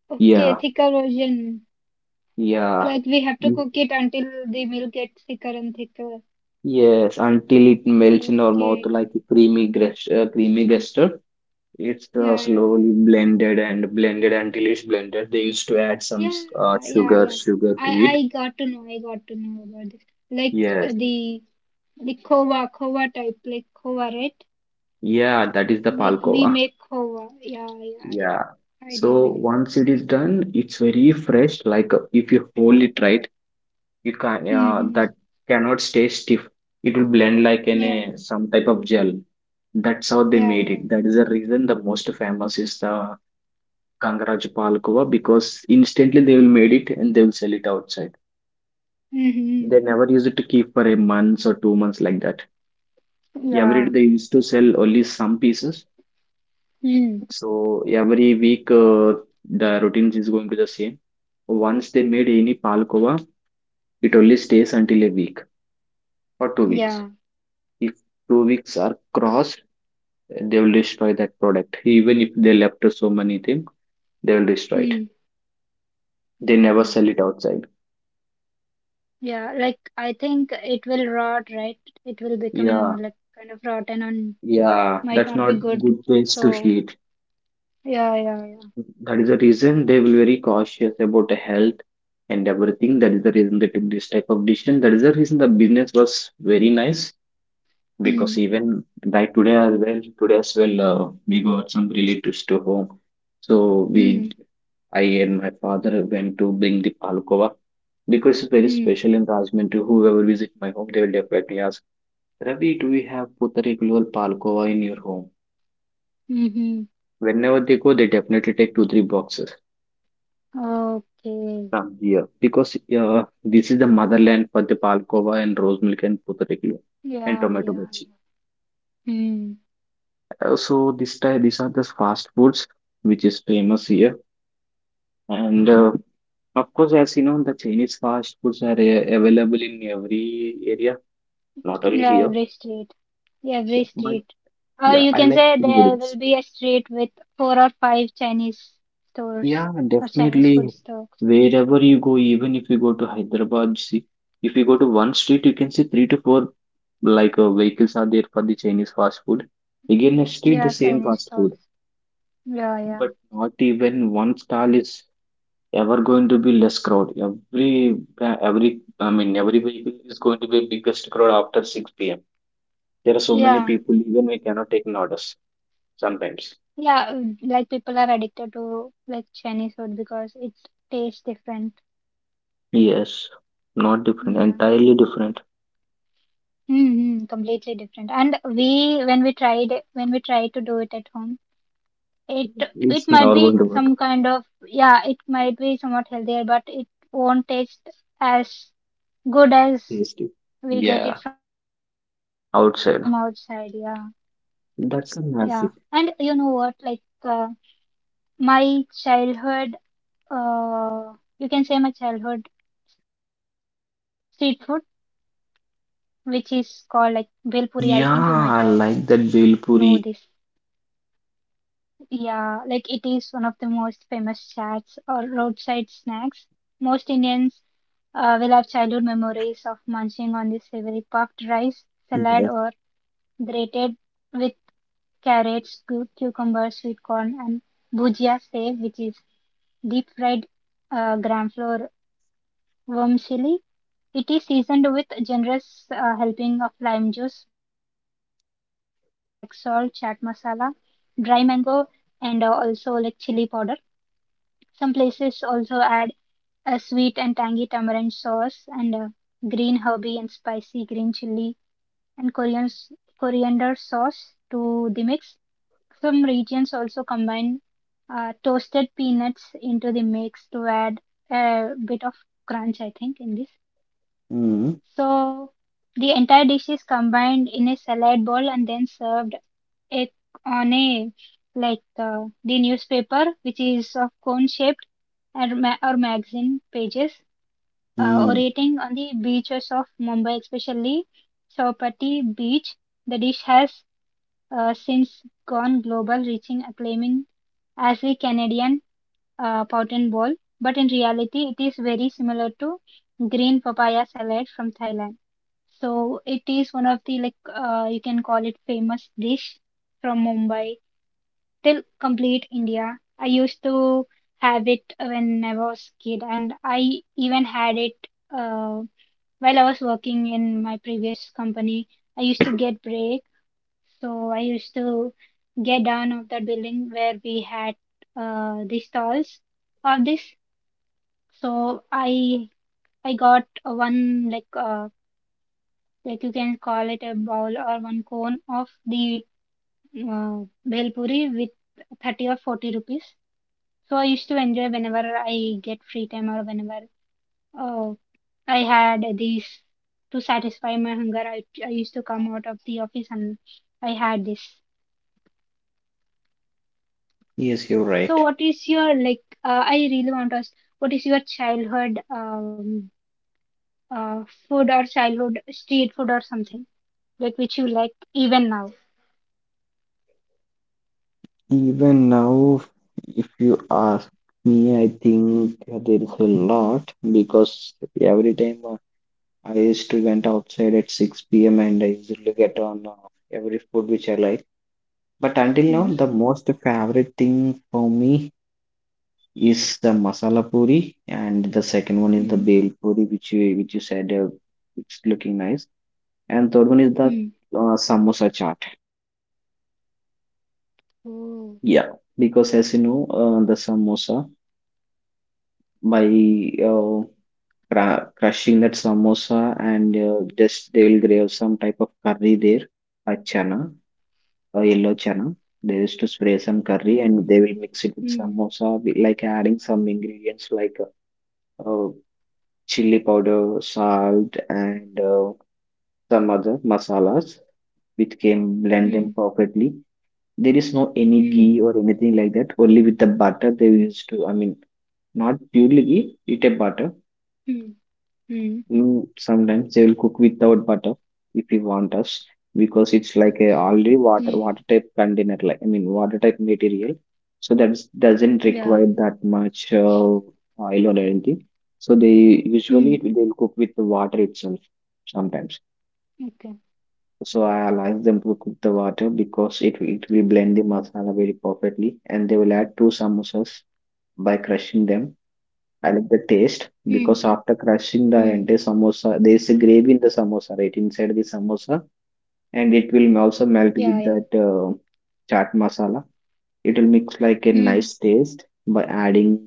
S2: Okay,
S1: Yeah,
S2: thicker version.
S1: yeah.
S2: Like we have to cook it until the milk gets thicker and thicker.
S1: Yes, until it melts in our mouth
S2: Okay.
S1: like a creamy custard. It's
S2: Yeah, yeah, yeah.
S1: slowly blended and blended until it's blended. They used to add
S2: Yeah, yeah,
S1: sugar,
S2: yeah.
S1: sugar
S2: I
S1: to it.
S2: I got to know. I got to know about this. Like
S1: Yes,
S2: the kova kova type, like kova, right?
S1: yeah, that is the
S2: Like we
S1: palkova.
S2: make kova. Yeah, yeah, yeah.
S1: Yeah.
S2: I know,
S1: So
S2: I know.
S1: once it is done, it's very fresh. Like if you hold it right, you can
S2: Mm-hmm.
S1: that cannot stay stiff. It will blend like in
S2: Yeah,
S1: a some type of gel. That's how they
S2: yeah,
S1: made
S2: yeah.
S1: it. That is the reason the most famous is the Kangaraj Palkova because instantly they will made it and they will sell it outside.
S2: Mm-hmm.
S1: They never use it to keep for a month or 2 months like that. Every day
S2: Yeah.
S1: they used to sell only some pieces.
S2: Mm.
S1: So every week the routines is going to the same. Once they made any Palkova, it only stays until a week or 2 weeks.
S2: Yeah.
S1: If 2 weeks are crossed, they will destroy that product. Even if they left so many things, they will destroy it.
S2: Mm.
S1: They never
S2: Okay.
S1: sell it outside.
S2: Yeah, like I think it will rot, right? It will
S1: Yeah.
S2: become like kind of rotten and
S1: Yeah,
S2: might
S1: that's
S2: not
S1: not
S2: be good.
S1: good place to
S2: So
S1: heat.
S2: yeah, yeah, yeah.
S1: That is the reason they will very cautious about the health and everything. That is the reason they took this type of decision. That is the reason the business was very nice because
S2: Mm.
S1: even like today as well, we got some relatives to home. So
S2: Mm.
S1: I and my father went to bring the palkova because it's very
S2: Mm.
S1: special in Rajmundry. Whoever visit my home, they will definitely ask, Ravi, do we have Putari Gulwal Palkova in your home?
S2: Mm-hmm.
S1: Whenever they go, they definitely take two, three boxes
S2: Okay.
S1: from here because this is the motherland for the palkova and rose milk and potato and
S2: Yeah,
S1: tomato
S2: yeah.
S1: bhaji.
S2: Hmm.
S1: So this type, these are the fast foods which is famous here, and of course, as you know, the Chinese fast foods are available in every area, not only
S2: Yeah,
S1: here.
S2: every street. Yeah, every
S1: Yeah, but
S2: street. Or
S1: yeah,
S2: you
S1: I
S2: can
S1: like
S2: say there will
S1: noodles.
S2: be a street with four or five Chinese stores
S1: Yeah,
S2: or Chinese food
S1: definitely.
S2: stores.
S1: Wherever you go, even if you go to Hyderabad, see, if you go to one street, you can see three to four like vehicles are there for the Chinese fast food. Again, next street, the
S2: Yeah,
S1: same
S2: Chinese
S1: fast food,
S2: stalls. Yeah, yeah.
S1: but not even one stall is ever going to be less crowd. Every I mean, every vehicle is going to be biggest crowd after 6 p.m. There are so many
S2: Yeah.
S1: people, even we cannot take an orders sometimes.
S2: Yeah, mm, like people are addicted to like Chinese food because it tastes different.
S1: Yes, not different,
S2: Yeah.
S1: entirely different.
S2: Mm-hmm, completely different. And we when we tried to do it at home, It it
S1: It's
S2: might
S1: never
S2: be
S1: going to work.
S2: some kind of, yeah, it might be somewhat healthier, but it won't taste as good as
S1: Tasty.
S2: we get it
S1: Yeah,
S2: from outside. Yeah,
S1: outside.
S2: yeah. And
S1: That's a
S2: you know
S1: magic.
S2: what? Like, uh, my childhood, uh, you can say my childhood street food, which is called like bhel puri. I think you might have know
S1: Yeah,
S2: this.
S1: I like that bhel puri.
S2: Yeah, like it is one of the most famous chats or roadside snacks. Most Indians will have childhood memories of munching on this savory puffed rice salad or
S1: Yes.
S2: grated with carrots, cucumbers, sweet corn, and bhujia sev, which is deep fried gram flour worm chili. It is seasoned with generous helping of lime juice, black salt, chaat masala, dry mango, and also like chili powder. Some places also add a sweet and tangy tamarind sauce, and a green herby and spicy green chili and Korean coriander sauce to the mix. Some regions also combine toasted peanuts into the mix to add a bit of crunch, I think, in this.
S1: Hmm.
S2: So the entire dish is combined in a salad bowl and then served it on a like the newspaper, which is of cone shaped or, or magazine pages
S1: Hmm.
S2: orating on the beaches of Mumbai, especially Chowpatty Beach. The dish has since gone global, reaching acclaiming as the Canadian pot and ball. But in reality, it is very similar to green papaya salad from Thailand. So it is one of the like, you can call it famous dish from Mumbai till complete India. I used to have it when I was kid, and I even had it. Uh, while I was working in my previous company, I used to get break. So I used to get down of that building where we had the stalls of this. So I got one like you can call it a bowl or one cone of the bhel puri with 30 or 40 rupees. So I used to enjoy whenever I get free time or whenever uh, I had these to satisfy my hunger. I used to come out of the office and I had this.
S1: Yes, you're
S2: So,
S1: right.
S2: what is your like? I really want to ask, what is your childhood food or childhood street food or something like which you like even now?
S1: Even now, if you ask me, I think there is a lot because every time I used to went outside at 6 p.m. and I usually get on every food which I like. But until now,
S2: Mm,
S1: the most favorite thing for me is the masala puri, and the second one is the
S2: mm,
S1: bel puri, which you said it's looking nice, and third one is the
S2: mm.
S1: samosa chaat.
S2: Oh.
S1: Yeah, because as you know, the samosa by uh, crushing that samosa and just they will grate some type of curry there, a chana, a yellow chana. They used to spray some curry
S2: Mm,
S1: and they will mix it with samosa, with, like adding some ingredients like uh, uh, chili powder, salt, and some other masalas which can blend
S2: mm,
S1: them perfectly. There is no any
S2: mm,
S1: ghee or anything like that. Only with the butter they used to. I mean, not purely ghee, it a butter.
S2: mm, mm,
S1: Mm, sometimes they will cook without butter if you want us because it's like a
S2: mm.
S1: already water type container. Like I mean, water type material. So that doesn't
S2: Yeah.
S1: require that much oil or anything. So they usually
S2: Mm.
S1: they'll cook with the water itself sometimes.
S2: Okay.
S1: So I allow them to cook the water because it will blend the masala very perfectly and they will add two samosas by crushing them. I like
S2: Mm,
S1: the taste because after
S2: mm.
S1: crushing the entire samosa, there is a gravy in the samosa, right inside the samosa, and it will also
S2: Yeah,
S1: melt
S2: yeah.
S1: with that chaat masala. It will mix like a
S2: Mm,
S1: nice taste by adding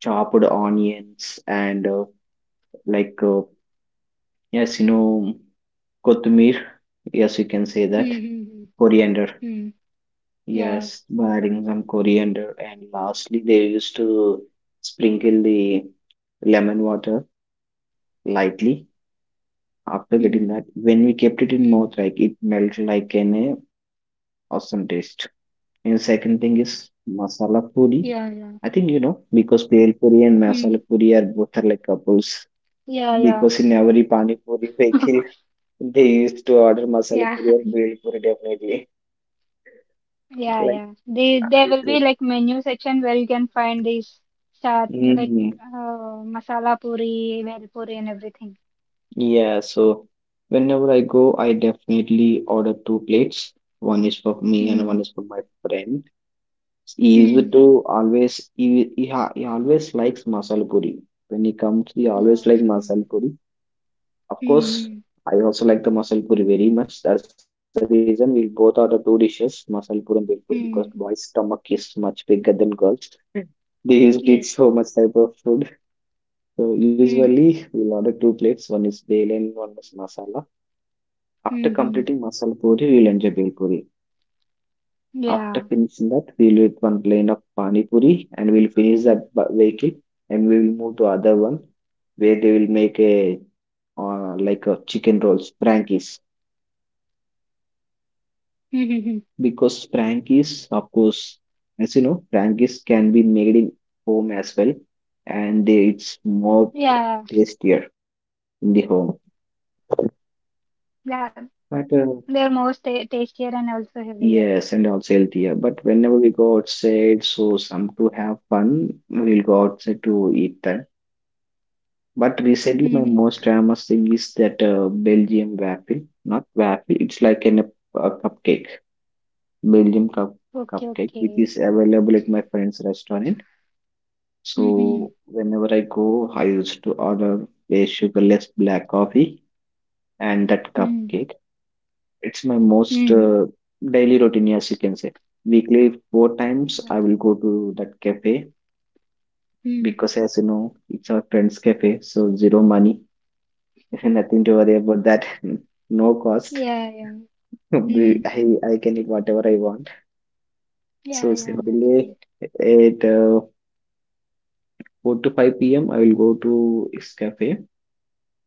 S1: chopped onions and like uh, yes, kothmir. Yes, you can say
S2: mm,
S1: that
S2: mm,
S1: coriander.
S2: mm. Mm. Yeah.
S1: Yes, by adding some coriander. And lastly, they used to sprinkle the lemon water lightly
S2: Mm.
S1: after getting
S2: Hmm.
S1: that. When we kept it in mouth, like it melted like an awesome taste. And second thing is
S2: Yeah, yeah.
S1: masala puri. I think you know because
S2: Hmm.
S1: pale puri and masala puri are both are like couples.
S2: Yeah, yeah.
S1: Because in every pani puri *laughs*
S2: *laughs*
S1: bakery, they used to order
S2: Yeah,
S1: masala puri or pale puri definitely.
S2: *laughs* yeah,
S1: Like
S2: yeah. They there
S1: I
S2: will
S1: do.
S2: be like menu section where you can find these start like
S1: Mm.
S2: masala puri, bhel puri, and everything.
S1: Yeah, so whenever I go, I definitely order two plates. One is for me and one is
S2: Hmm.
S1: for my friend. He is
S2: Hmm.
S1: to always he, he, ha- he always likes masala puri. When he comes, he always
S2: Oh,
S1: like
S2: okay. Hmm.
S1: masala puri. Of course,
S2: Hmm,
S1: I also like the masala puri very much. That's the reason we both order two dishes, masala puri and bhel puri, because boys'
S2: hmm.
S1: stomach is much bigger than girls. They used to eat
S2: Yes.
S1: so much type of food. So
S2: Hmm.
S1: usually we'll order two plates. One is bhel and one is masala. After
S2: Hmm,
S1: completing
S2: hmm.
S1: masala puri, we will enjoy bhel puri. After
S2: Yeah.
S1: finishing that, we will eat one plane of pani puri and we will finish that vehicle and we will move to other one where they will make a like a chicken rolls, frankies.
S2: Hmm. *laughs* Hmm, hmm.
S1: Because frankies, of course, as you know, frankies can be made in home as well, and they, it's more
S2: Yeah.
S1: tastier in the home.
S2: Yeah. They're most ta
S1: But
S2: tastier and also healthier.
S1: Yes, and also healthier. But whenever we go outside, so some to have fun, we'll go outside to eat that. But
S2: Hmm, hmm, hmm.
S1: recently, my most famous thing is that Belgium waffle, not waffle. It's like an, a cupcake, Belgium cup
S2: Okay.
S1: cupcake, which
S2: Okay.
S1: is available at my friend's restaurant. So
S2: Hmm.
S1: whenever I go, I used to order a sugarless black coffee and that
S2: Hmm.
S1: cupcake. It's my most
S2: Hmm.
S1: daily routine, yes, you can say. Weekly, four times I
S2: Hmm.
S1: will go to that cafe
S2: Hmm.
S1: because, as you know, it's our friend's cafe, so zero money, *laughs* nothing to worry about that, *laughs* no cost.
S2: Yeah, yeah.
S1: *laughs* We-
S2: Hmm.
S1: I, I can eat whatever I want. So
S2: Yeah, yeah, that's
S1: simply
S2: great.
S1: at 4 to 5 p.m., I will go to his cafe.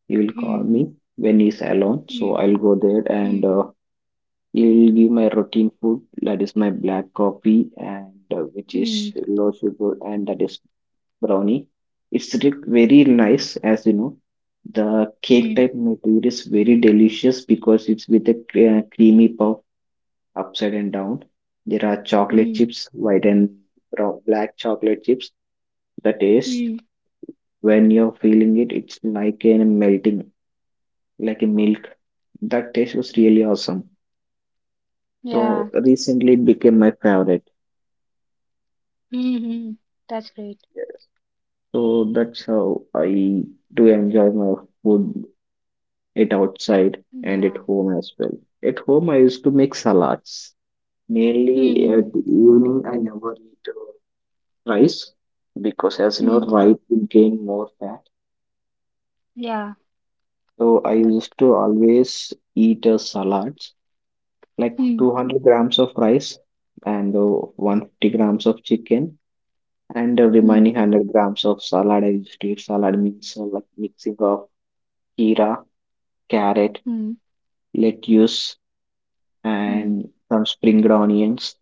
S1: He will call
S2: Hmm.
S1: me when he's alone, so
S2: Hmm.
S1: I'll go there and
S2: Hmm.
S1: it'll be my routine food, that is my black coffee, and which is
S2: Hmm.
S1: low sugar, and that is brownie. It's very nice, as you know. The cake type
S2: Hmm.
S1: material is very delicious because it's with a creamy puff upside and down. There are chocolate
S2: Hmm.
S1: chips, white and brown, black chocolate chips. The taste,
S2: Mm.
S1: when you're feeling it, it's like a melting, like a milk. That taste was really awesome. So
S2: Yeah.
S1: recently it became my favorite.
S2: Hmm, hmm. That's great.
S1: Yes. So that's how I do enjoy my food, it outside and at
S2: Yeah.
S1: home as well. At home, I used to make salads.
S2: Hmm,
S1: Mainly
S2: hmm.
S1: at the evening, I never eat rice because, as you know,
S2: Mm.
S1: rice will gain more fat.
S2: Yeah,
S1: So I
S2: that's
S1: used to always eat salads, like
S2: Hmm.
S1: 200 grams of rice and 150 grams of chicken and
S2: Hmm.
S1: remaining 100 grams of salad. I used to eat salad means like mixing of kira, carrot,
S2: Hmm.
S1: lettuce
S2: Hmm.
S1: and some spring onions,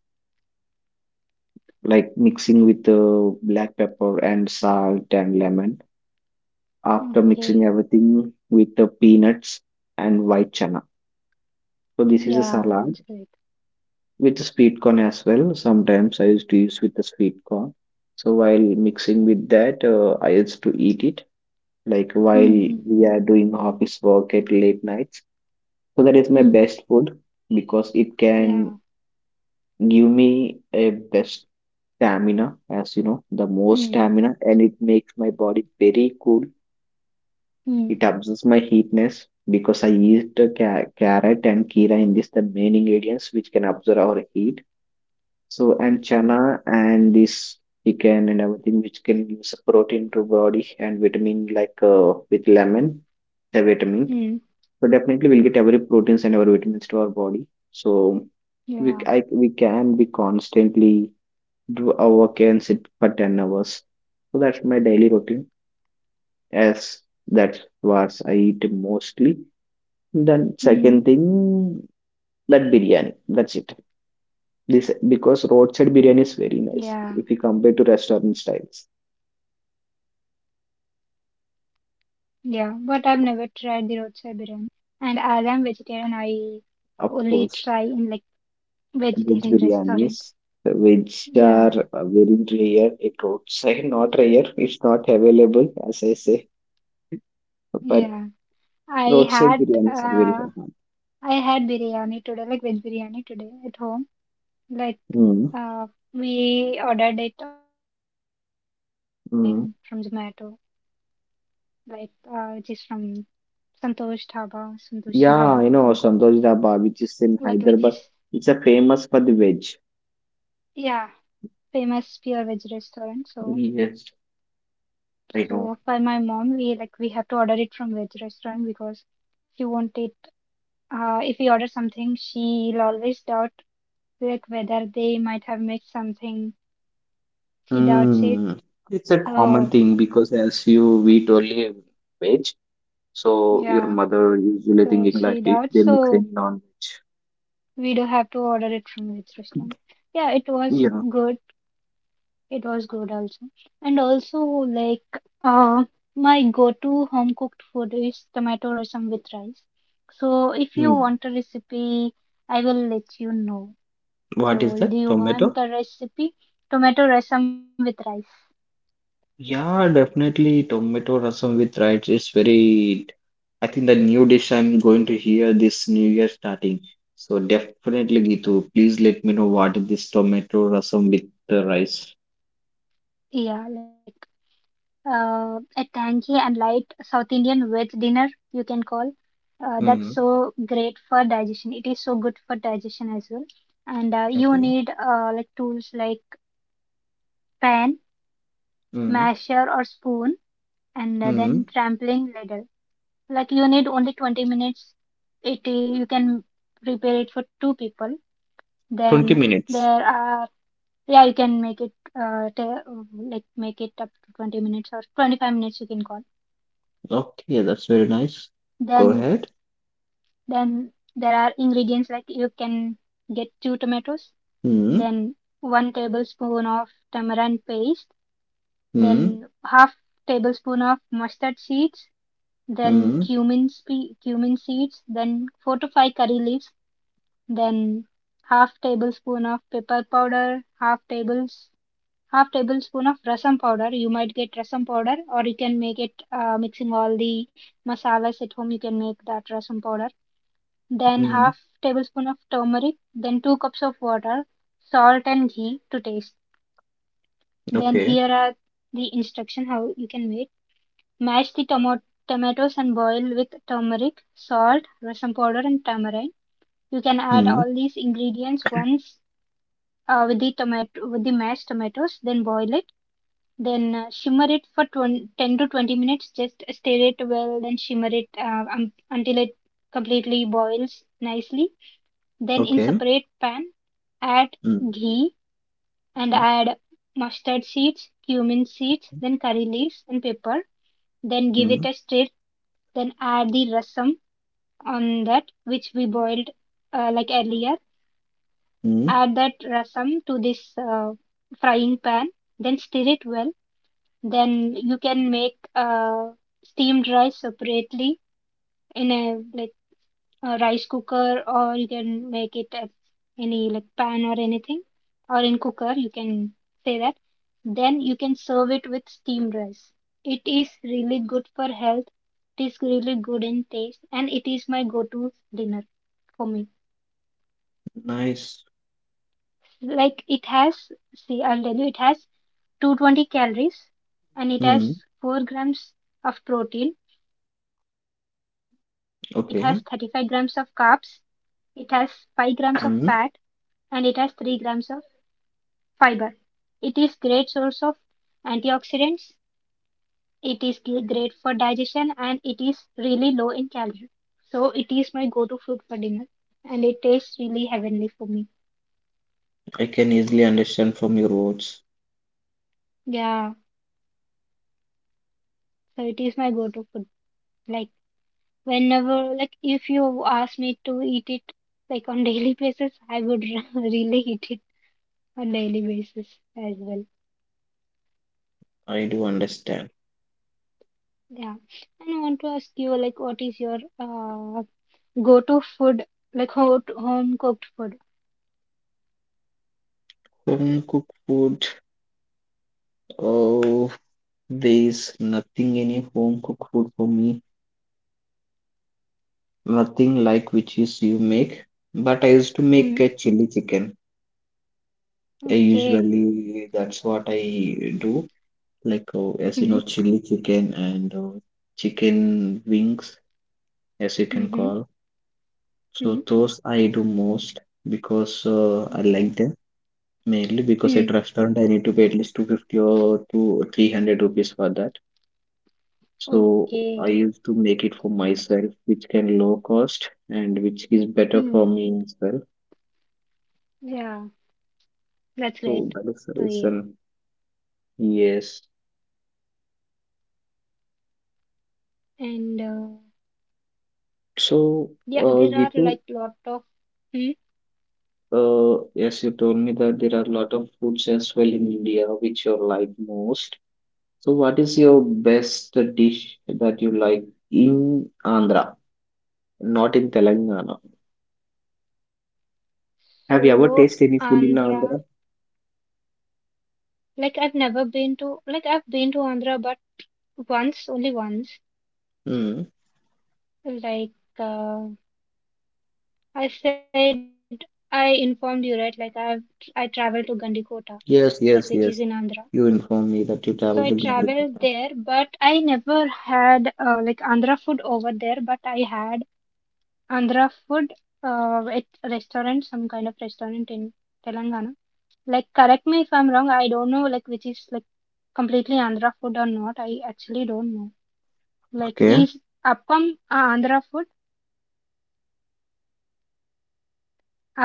S1: like mixing with black pepper and salt and lemon. After mixing
S2: Okay.
S1: everything with the peanuts and white chana. So this is a
S2: Yeah,
S1: salad
S2: that's great.
S1: with the sweet corn as well. Sometimes I used to use with the sweet corn. So while mixing with that, I used to eat it like while
S2: Hmm, hmm.
S1: we are doing office work at late nights. So that is my
S2: Hmm.
S1: best food because it can
S2: Yeah.
S1: give me a best stamina, as you know, the more
S2: Hmm.
S1: stamina, and it makes my body very cool. It
S2: Hmm.
S1: absorbs my heatness because I used the carrot and kira in this the main ingredients which can absorb our heat. So and
S2: Okay.
S1: chana and this chicken and everything which can give us protein to body and vitamin like with lemon, the vitamin.
S2: Hmm.
S1: So definitely we'll get every proteins and our vitamins to our body. So
S2: Yeah.
S1: we can be constantly do a work and sit for 10 hours. So that's my daily routine. As that's what I eat mostly. Then
S2: Hmm.
S1: second thing that biryani. That's it. This because
S2: Yeah.
S1: roadside biryani is very nice if you compare to restaurant styles.
S2: Yeah, but I've never tried the roadside biryani. And as I'm vegetarian, I only
S1: Of
S2: try
S1: course,
S2: in like vegetarian
S1: veg
S2: restaurants.
S1: biryanis which
S2: Yeah,
S1: are very rare. It roadside *laughs* not rare. It's not available as I say, but
S2: yeah. I
S1: roadside
S2: had
S1: biryanis are very
S2: uh,
S1: hard.
S2: I had biryani today, like veg biryani today at home. Like
S1: Mm,
S2: uh, we ordered it online from Zomato,
S1: mm.
S2: like which is from Santosh Dhaba, Santoshi Dhaba, you can call,
S1: Yeah, you know Santosh
S2: like
S1: Dhaba,
S2: which
S1: which is
S2: is
S1: in Hyderabad. It's a famous for the veg.
S2: yeah, famous pure veg restaurant. So.
S1: Yes, I
S2: So
S1: know.
S2: for my mom, we like we have to order it from veg restaurant because she won't it. If we order something, she'll always doubt like whether they might have mixed something. She doubts
S1: Hmm.
S2: it.
S1: It's a common
S2: So
S1: thing because as you eat only veg, so your
S2: yeah,
S1: mother usually
S2: so
S1: thinking like
S2: she
S1: if they
S2: doubts.
S1: mix any
S2: So
S1: non-veg.
S2: we do have to order it from veg restaurant. Yeah, it was
S1: Yeah.
S2: good. It was good also. And also like my go-to home cooked food is tomato rasam with rice. So if
S1: Hmm.
S2: you want a recipe, I will let you know.
S1: What is
S2: So
S1: that?
S2: do you
S1: Tomato?
S2: want a recipe? Tomato rasam with rice.
S1: Yeah, definitely tomato rasam with rice is very I think the new dish I'm going to hear this new year starting. So definitely Gitu, please let me know what is this tomato rasam with the rice.
S2: Yeah, like a tangy and light South Indian veg dinner you can call. That's
S1: Hmm.
S2: so great for digestion. It is so good for digestion as well. And you
S1: Okay.
S2: need like tools like pan
S1: Hmm.
S2: masher or spoon and
S1: Hmm.
S2: then trampling ladle. Like you need only 20 minutes. It you can prepare it for two people.
S1: 20
S2: Then
S1: minutes.
S2: there are yeah you can make it uh, ta- like make it up to 20 minutes or 25 minutes you can call.
S1: Okay, that's very nice.
S2: Then
S1: Go ahead.
S2: then there are ingredients like you can get two tomatoes,
S1: Hmm.
S2: then one tablespoon of tamarind paste,
S1: Hmm.
S2: then half tablespoon of mustard seeds, then
S1: Hmm.
S2: cumin seeds, then 4 to 5 curry leaves, then half tablespoon of pepper powder, half tablespoon of rasam powder. You might get rasam powder or you can make it mixing all the masalas at home you can make that rasam powder. Then
S1: Hmm.
S2: half tablespoon of turmeric, then 2 cups of water, salt and ghee to taste. Then
S1: Okay.
S2: here are the instruction how you can make. Mash the tomatoes and boil with turmeric, salt, rasam powder, and tamarind. You can add
S1: Hmm.
S2: all these ingredients once with the tomato with the mashed tomatoes. Then boil it. Then shimmer it for 20, 10 to 20 minutes. Just stir it well. Then shimmer it until it completely boils nicely. Then in
S1: Okay.
S2: separate pan, add
S1: Hmm.
S2: ghee and
S1: Hmm.
S2: add mustard seeds, cumin seeds, then curry leaves and pepper. Then give
S1: Hmm.
S2: it a stir. Then add the rasam on that which we boiled like earlier.
S1: Mm.
S2: Add that rasam to this frying pan. Then stir it well. Then you can make steamed rice separately in a like a rice cooker or you can make it at any like pan or anything or in cooker you can say that, then you can serve it with steamed rice. It is really good for health, it is really good in taste and it is my go-to dinner for me.
S1: Nice.
S2: Like it has see I'll tell you it has 220 calories and it
S1: Hmm.
S2: has 4 grams of protein then it has 35 grams of carbs,
S1: Okay.
S2: it has 5 grams of fat and it has
S1: Hmm,
S2: 3 grams of Fiber. It is great source of antioxidants. It is great for digestion and it is really low in calorie. So it is my go-to food for dinner and it tastes really heavenly for me.
S1: I can easily understand from your words.
S2: Yeah, so it is my go-to food. Like whenever, like if you ask me to eat it like on *laughs* daily basis, I would *laughs* really eat it on daily basis as well.
S1: I do understand.
S2: Yeah, and I want to ask you like what is your Go to food, like hot, home cooked food.
S1: Home cooked food. Oh, there is nothing any home cooked food for me. Nothing like which is you make. But I used to make
S2: Hmm.
S1: a chili chicken. I
S2: Okay.
S1: usually that's what I do. Like oh, as you
S2: Hmm.
S1: know, chili chicken and chicken wings, as you can
S2: Mm-hmm.
S1: call. So
S2: Hmm.
S1: those I do most because I
S2: Okay.
S1: like them. Mainly because
S2: Hmm.
S1: at restaurant I need to pay at least 250 or two 300 rupees for that. So I
S2: Okay.
S1: used to make it for myself, which can low cost and which is better for
S2: Hmm.
S1: me as well.
S2: Yeah, that's
S1: So
S2: great
S1: that is the
S2: to hear.
S1: reason. Yes.
S2: And
S1: So,
S2: yeah, there are
S1: Gitu,
S2: like lot of hmm.
S1: yes, you told me that there are a lot of foods as well in India which you like most. So, what is your best dish that you like in Andhra, not in Telangana? Have you
S2: So
S1: ever tasted any food in
S2: Andhra,
S1: Andhra?
S2: like I've never been to, like I've been to Andhra, but once, only once.
S1: Hmm.
S2: Like uh, I said, I informed you, right? Like I traveled to Gandikota,
S1: Yes, yes,
S2: like which
S1: yes.
S2: is in Andhra.
S1: You informed me that you
S2: So
S1: traveled
S2: I
S1: to
S2: traveled
S1: Gandikota.
S2: there, but I never had like Andhra food over there, but I had Andhra food at a restaurant, some kind of restaurant in Telangana. Like, correct me if I'm wrong, I don't know like which is like completely Andhra food or not. I actually don't know. Like,
S1: Okay.
S2: is appam a Andhra food?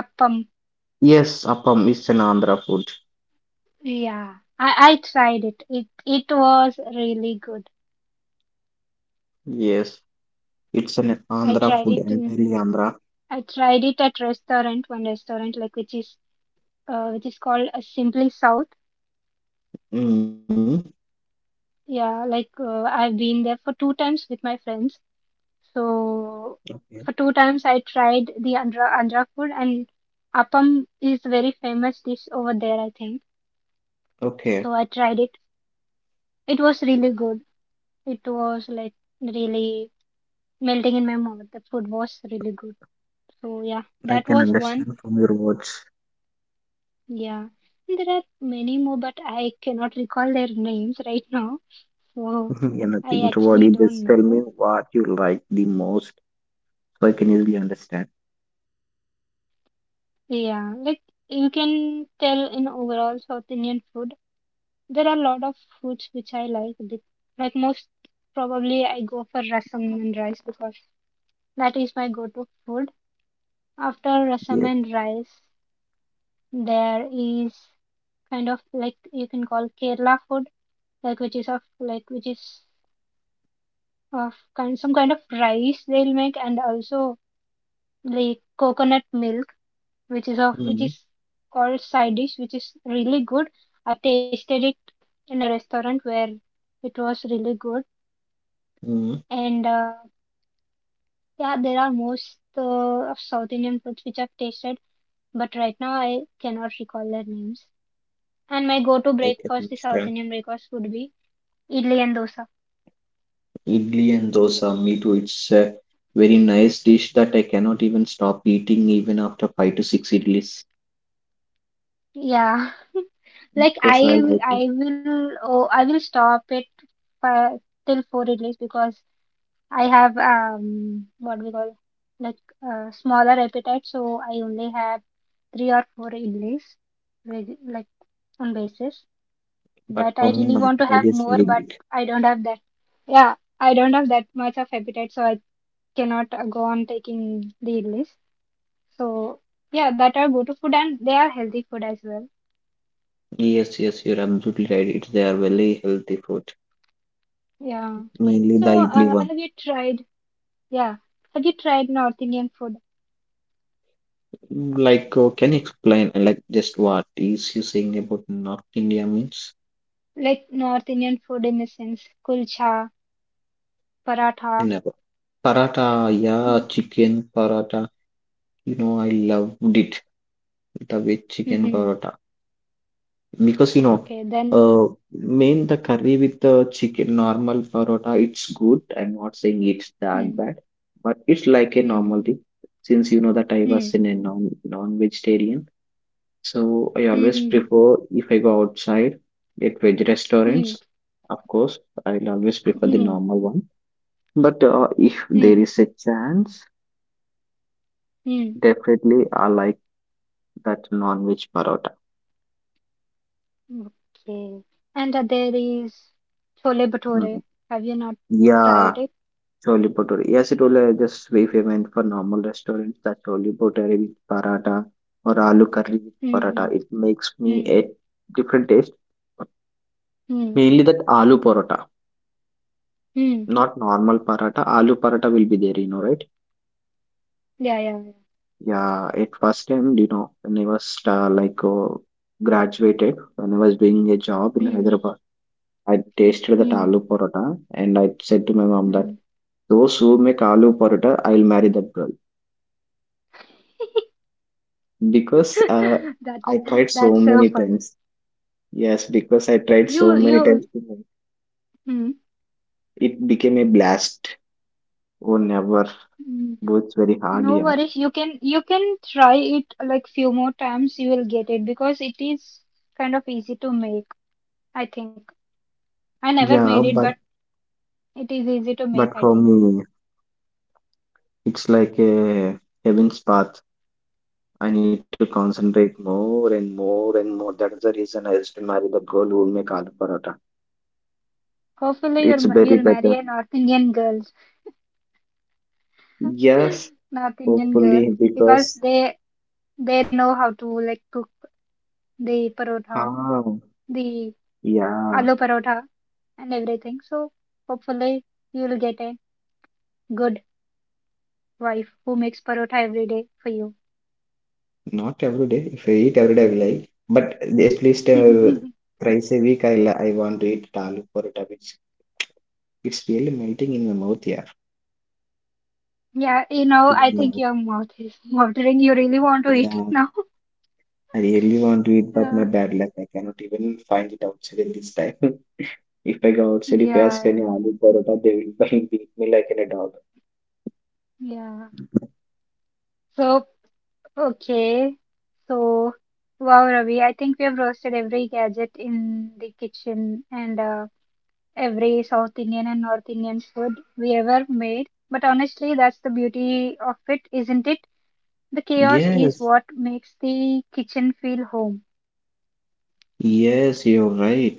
S2: Appam.
S1: Yes, appam is an Andhra food.
S2: Yeah. I tried it. It was really good.
S1: Yes, it's an
S2: I
S1: Andhra
S2: tried
S1: food,
S2: it in
S1: entirely Andhra.
S2: I tried it at restaurant, one restaurant like which is called Simply South.
S1: Mm.
S2: Yeah, like I've been there for two times with my friends. So
S1: Okay.
S2: for two times I tried the Andhra food and appam is very famous dish over there, I think.
S1: Okay.
S2: So I tried it. It was really good. It was like really melting in my mouth. The food was really good. So yeah,
S1: I
S2: that
S1: can
S2: was one.
S1: understand from your words.
S2: Yeah. And There are many more, but I cannot recall their names right now. So
S1: *laughs* Yeah,
S2: I
S1: nothing to worry.
S2: actually
S1: Just
S2: don't
S1: tell me
S2: know.
S1: what you like the most, so I can easily understand.
S2: Yeah, like you can tell in overall South Indian food, there are a lot of foods which I like. Th- Like most probably I go for rasam and rice because that is my go-to food. After rasam
S1: Yes.
S2: and rice, there is kind of like you can call Kerala food, like which is of like which is of kind some kind of rice they'll make and also like coconut milk which
S1: Mm.
S2: is called side dish, which is really good. I tasted it in a restaurant where it was really good,
S1: Mm.
S2: and yeah, there are most of South Indian foods which I've tasted, but right now I cannot recall their names. And my go-to
S1: I can
S2: breakfast, the South
S1: understand.
S2: Indian breakfast, would be idli and dosa.
S1: Idli and dosa, me too. It's a very nice dish that I cannot even stop eating even after five to six idlis,
S2: Yeah, *laughs* like
S1: because I like it.
S2: I will oh I will stop it fi- till four idlis because I have what we call like smaller appetite, so I only have three or four idlis like on basis.
S1: But
S2: But
S1: for
S2: I
S1: me,
S2: really
S1: my
S2: want to
S1: appetite
S2: have
S1: is
S2: more,
S1: very
S2: but
S1: big.
S2: I don't have that. Yeah, I don't have that much of appetite, so I cannot go on taking the idlis. So yeah, that are go to food and they are healthy food as well.
S1: Yes, yes, you're absolutely right. It's they are very healthy food,
S2: Yeah.
S1: mainly the
S2: So
S1: idli one.
S2: have you tried? Yeah, have you tried North Indian food?
S1: Mm, like, can you explain, just what is you saying about North India means?
S2: Like North Indian food in the sense kulcha, paratha.
S1: Never. Paratha, yeah, chicken paratha. You know, I loved it. The way chicken
S2: Mm-hmm.
S1: paratha. Because you know
S2: Okay, then.
S1: uh main the curry with the chicken normal parota it's good, I'm not saying it's that
S2: Mm,
S1: bad, but it's like a normal
S2: mm,
S1: thing, since you know that I was
S2: mm,
S1: in a non-vegetarian, so I
S2: mm,
S1: always
S2: mm,
S1: prefer if I go outside at veg
S2: mm,
S1: restaurants. Of course, I'll always prefer the
S2: mm,
S1: normal one, but if there
S2: mm,
S1: is a chance,
S2: mm.
S1: definitely I like that non-veg parota.
S2: Okay. And there is Chole
S1: Mm.
S2: Bhature. Have you not
S1: Yeah.
S2: tried it?
S1: Chole bhature. Yes, it will just be
S2: Yeah.
S1: famous for normal restaurants. The chole bhature with paratha or aloo curry with
S2: Mm,
S1: paratha.
S2: mm,
S1: It makes me
S2: mm,
S1: a different taste.
S2: mm,
S1: Mainly that aloo paratha,
S2: mm.
S1: not normal paratha. Aloo paratha will be there, you know, right?
S2: Yeah, yeah, yeah.
S1: Yeah, at first time, you know, when I was graduated, when I was doing a job in
S2: Mm,
S1: Hyderabad, I tasted that
S2: mm,
S1: aloo paratha and I said to my mom that
S2: mm.
S1: those who make aloo paratha, I'll marry that girl. Because
S2: *laughs* That's
S1: I tried so
S2: so
S1: many
S2: funny.
S1: times. Yes, because I tried so many times
S2: You.
S1: to make-
S2: Mm,
S1: It became a blast. Oh, never.
S2: mm.
S1: Both very hard,
S2: No
S1: yeah.
S2: worries. You can try it like few more times. You will get it because it is kind of easy to make. I think I never made
S1: Yeah,
S2: it, but
S1: but
S2: it is easy to make.
S1: but
S2: I
S1: for
S2: think.
S1: me, it's like a heaven's path. I need to concentrate more and more and more. That is the reason I used to marry the girl who will make aloo paratha.
S2: Hopefully,
S1: It's very
S2: you'll marry
S1: better.
S2: a North Indian girl, *laughs*
S1: Yes,
S2: North Indian girl,
S1: hopefully
S2: because
S1: because
S2: they know how to like cook the parotha,
S1: ah,
S2: the
S1: yeah.
S2: aloo parotha, and everything. So hopefully, you'll get a good wife who makes parotha every day for
S1: Not every day. If I eat every day, I will like. But at least
S2: you. *laughs*
S1: thrice a week, I want to eat aloo paratha, which it's really melting in my mouth. Yeah,
S2: Yeah, you know,
S1: even
S2: I think
S1: now.
S2: your mouth is watering. You really want to eat
S1: Yeah,
S2: it now?
S1: I really want to eat, but my
S2: Yeah,
S1: bad luck, I cannot even find it outside at this time. *laughs* If I go outside, if I ask
S2: yeah,
S1: any aloo paratha, they will *laughs* beat me like a dog.
S2: yeah. So, okay. So, wow, Ravi, I think we have roasted every gadget in the kitchen and every South Indian and North Indian food we ever made. But honestly, that's the beauty of it, isn't it? The chaos is
S1: Yes,
S2: what makes the kitchen feel home.
S1: yes, you're right.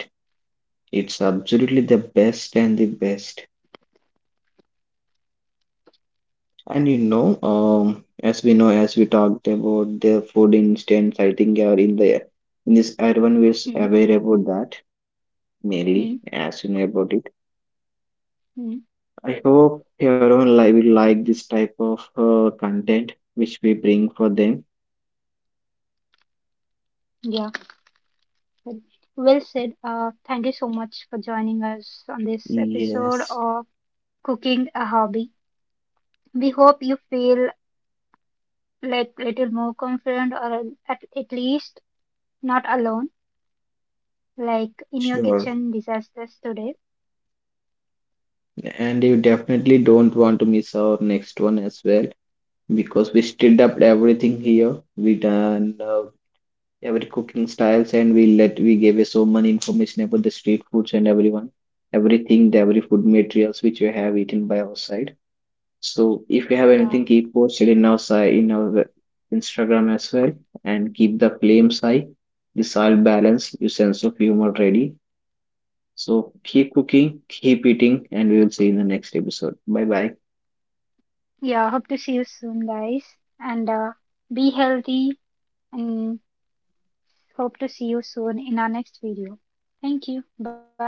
S1: It's absolutely the best. And you know, as we know, as we talked about the food instance, I think you are in the in this everyone is
S2: Hmm.
S1: aware about that mainly
S2: Hmm.
S1: as you know about it.
S2: Hmm.
S1: I hope everyone will like this type of content which we bring for them.
S2: Yeah. Well said. Thank you so much for joining us on this episode
S1: Yes,
S2: of Cooking a Hobby. We hope you feel like little more confident or at least not alone, like in your
S1: sure.
S2: kitchen disasters today.
S1: And you definitely don't want to miss our next one as well, because we stirred up everything here. We done. Every cooking styles and we let we gave you so many information about the street foods and everyone everything the every food materials which we have eaten by our side. So if you have anything
S2: Yeah.
S1: keep posted in our side in our instagram as well, and keep the flames high, this all balance your sense of humor ready. So keep cooking, keep eating, and we will see you in the next episode. Bye bye.
S2: Yeah. Hope to see you soon, guys. And be healthy and hope to see you soon in our next video. Thank you. Bye.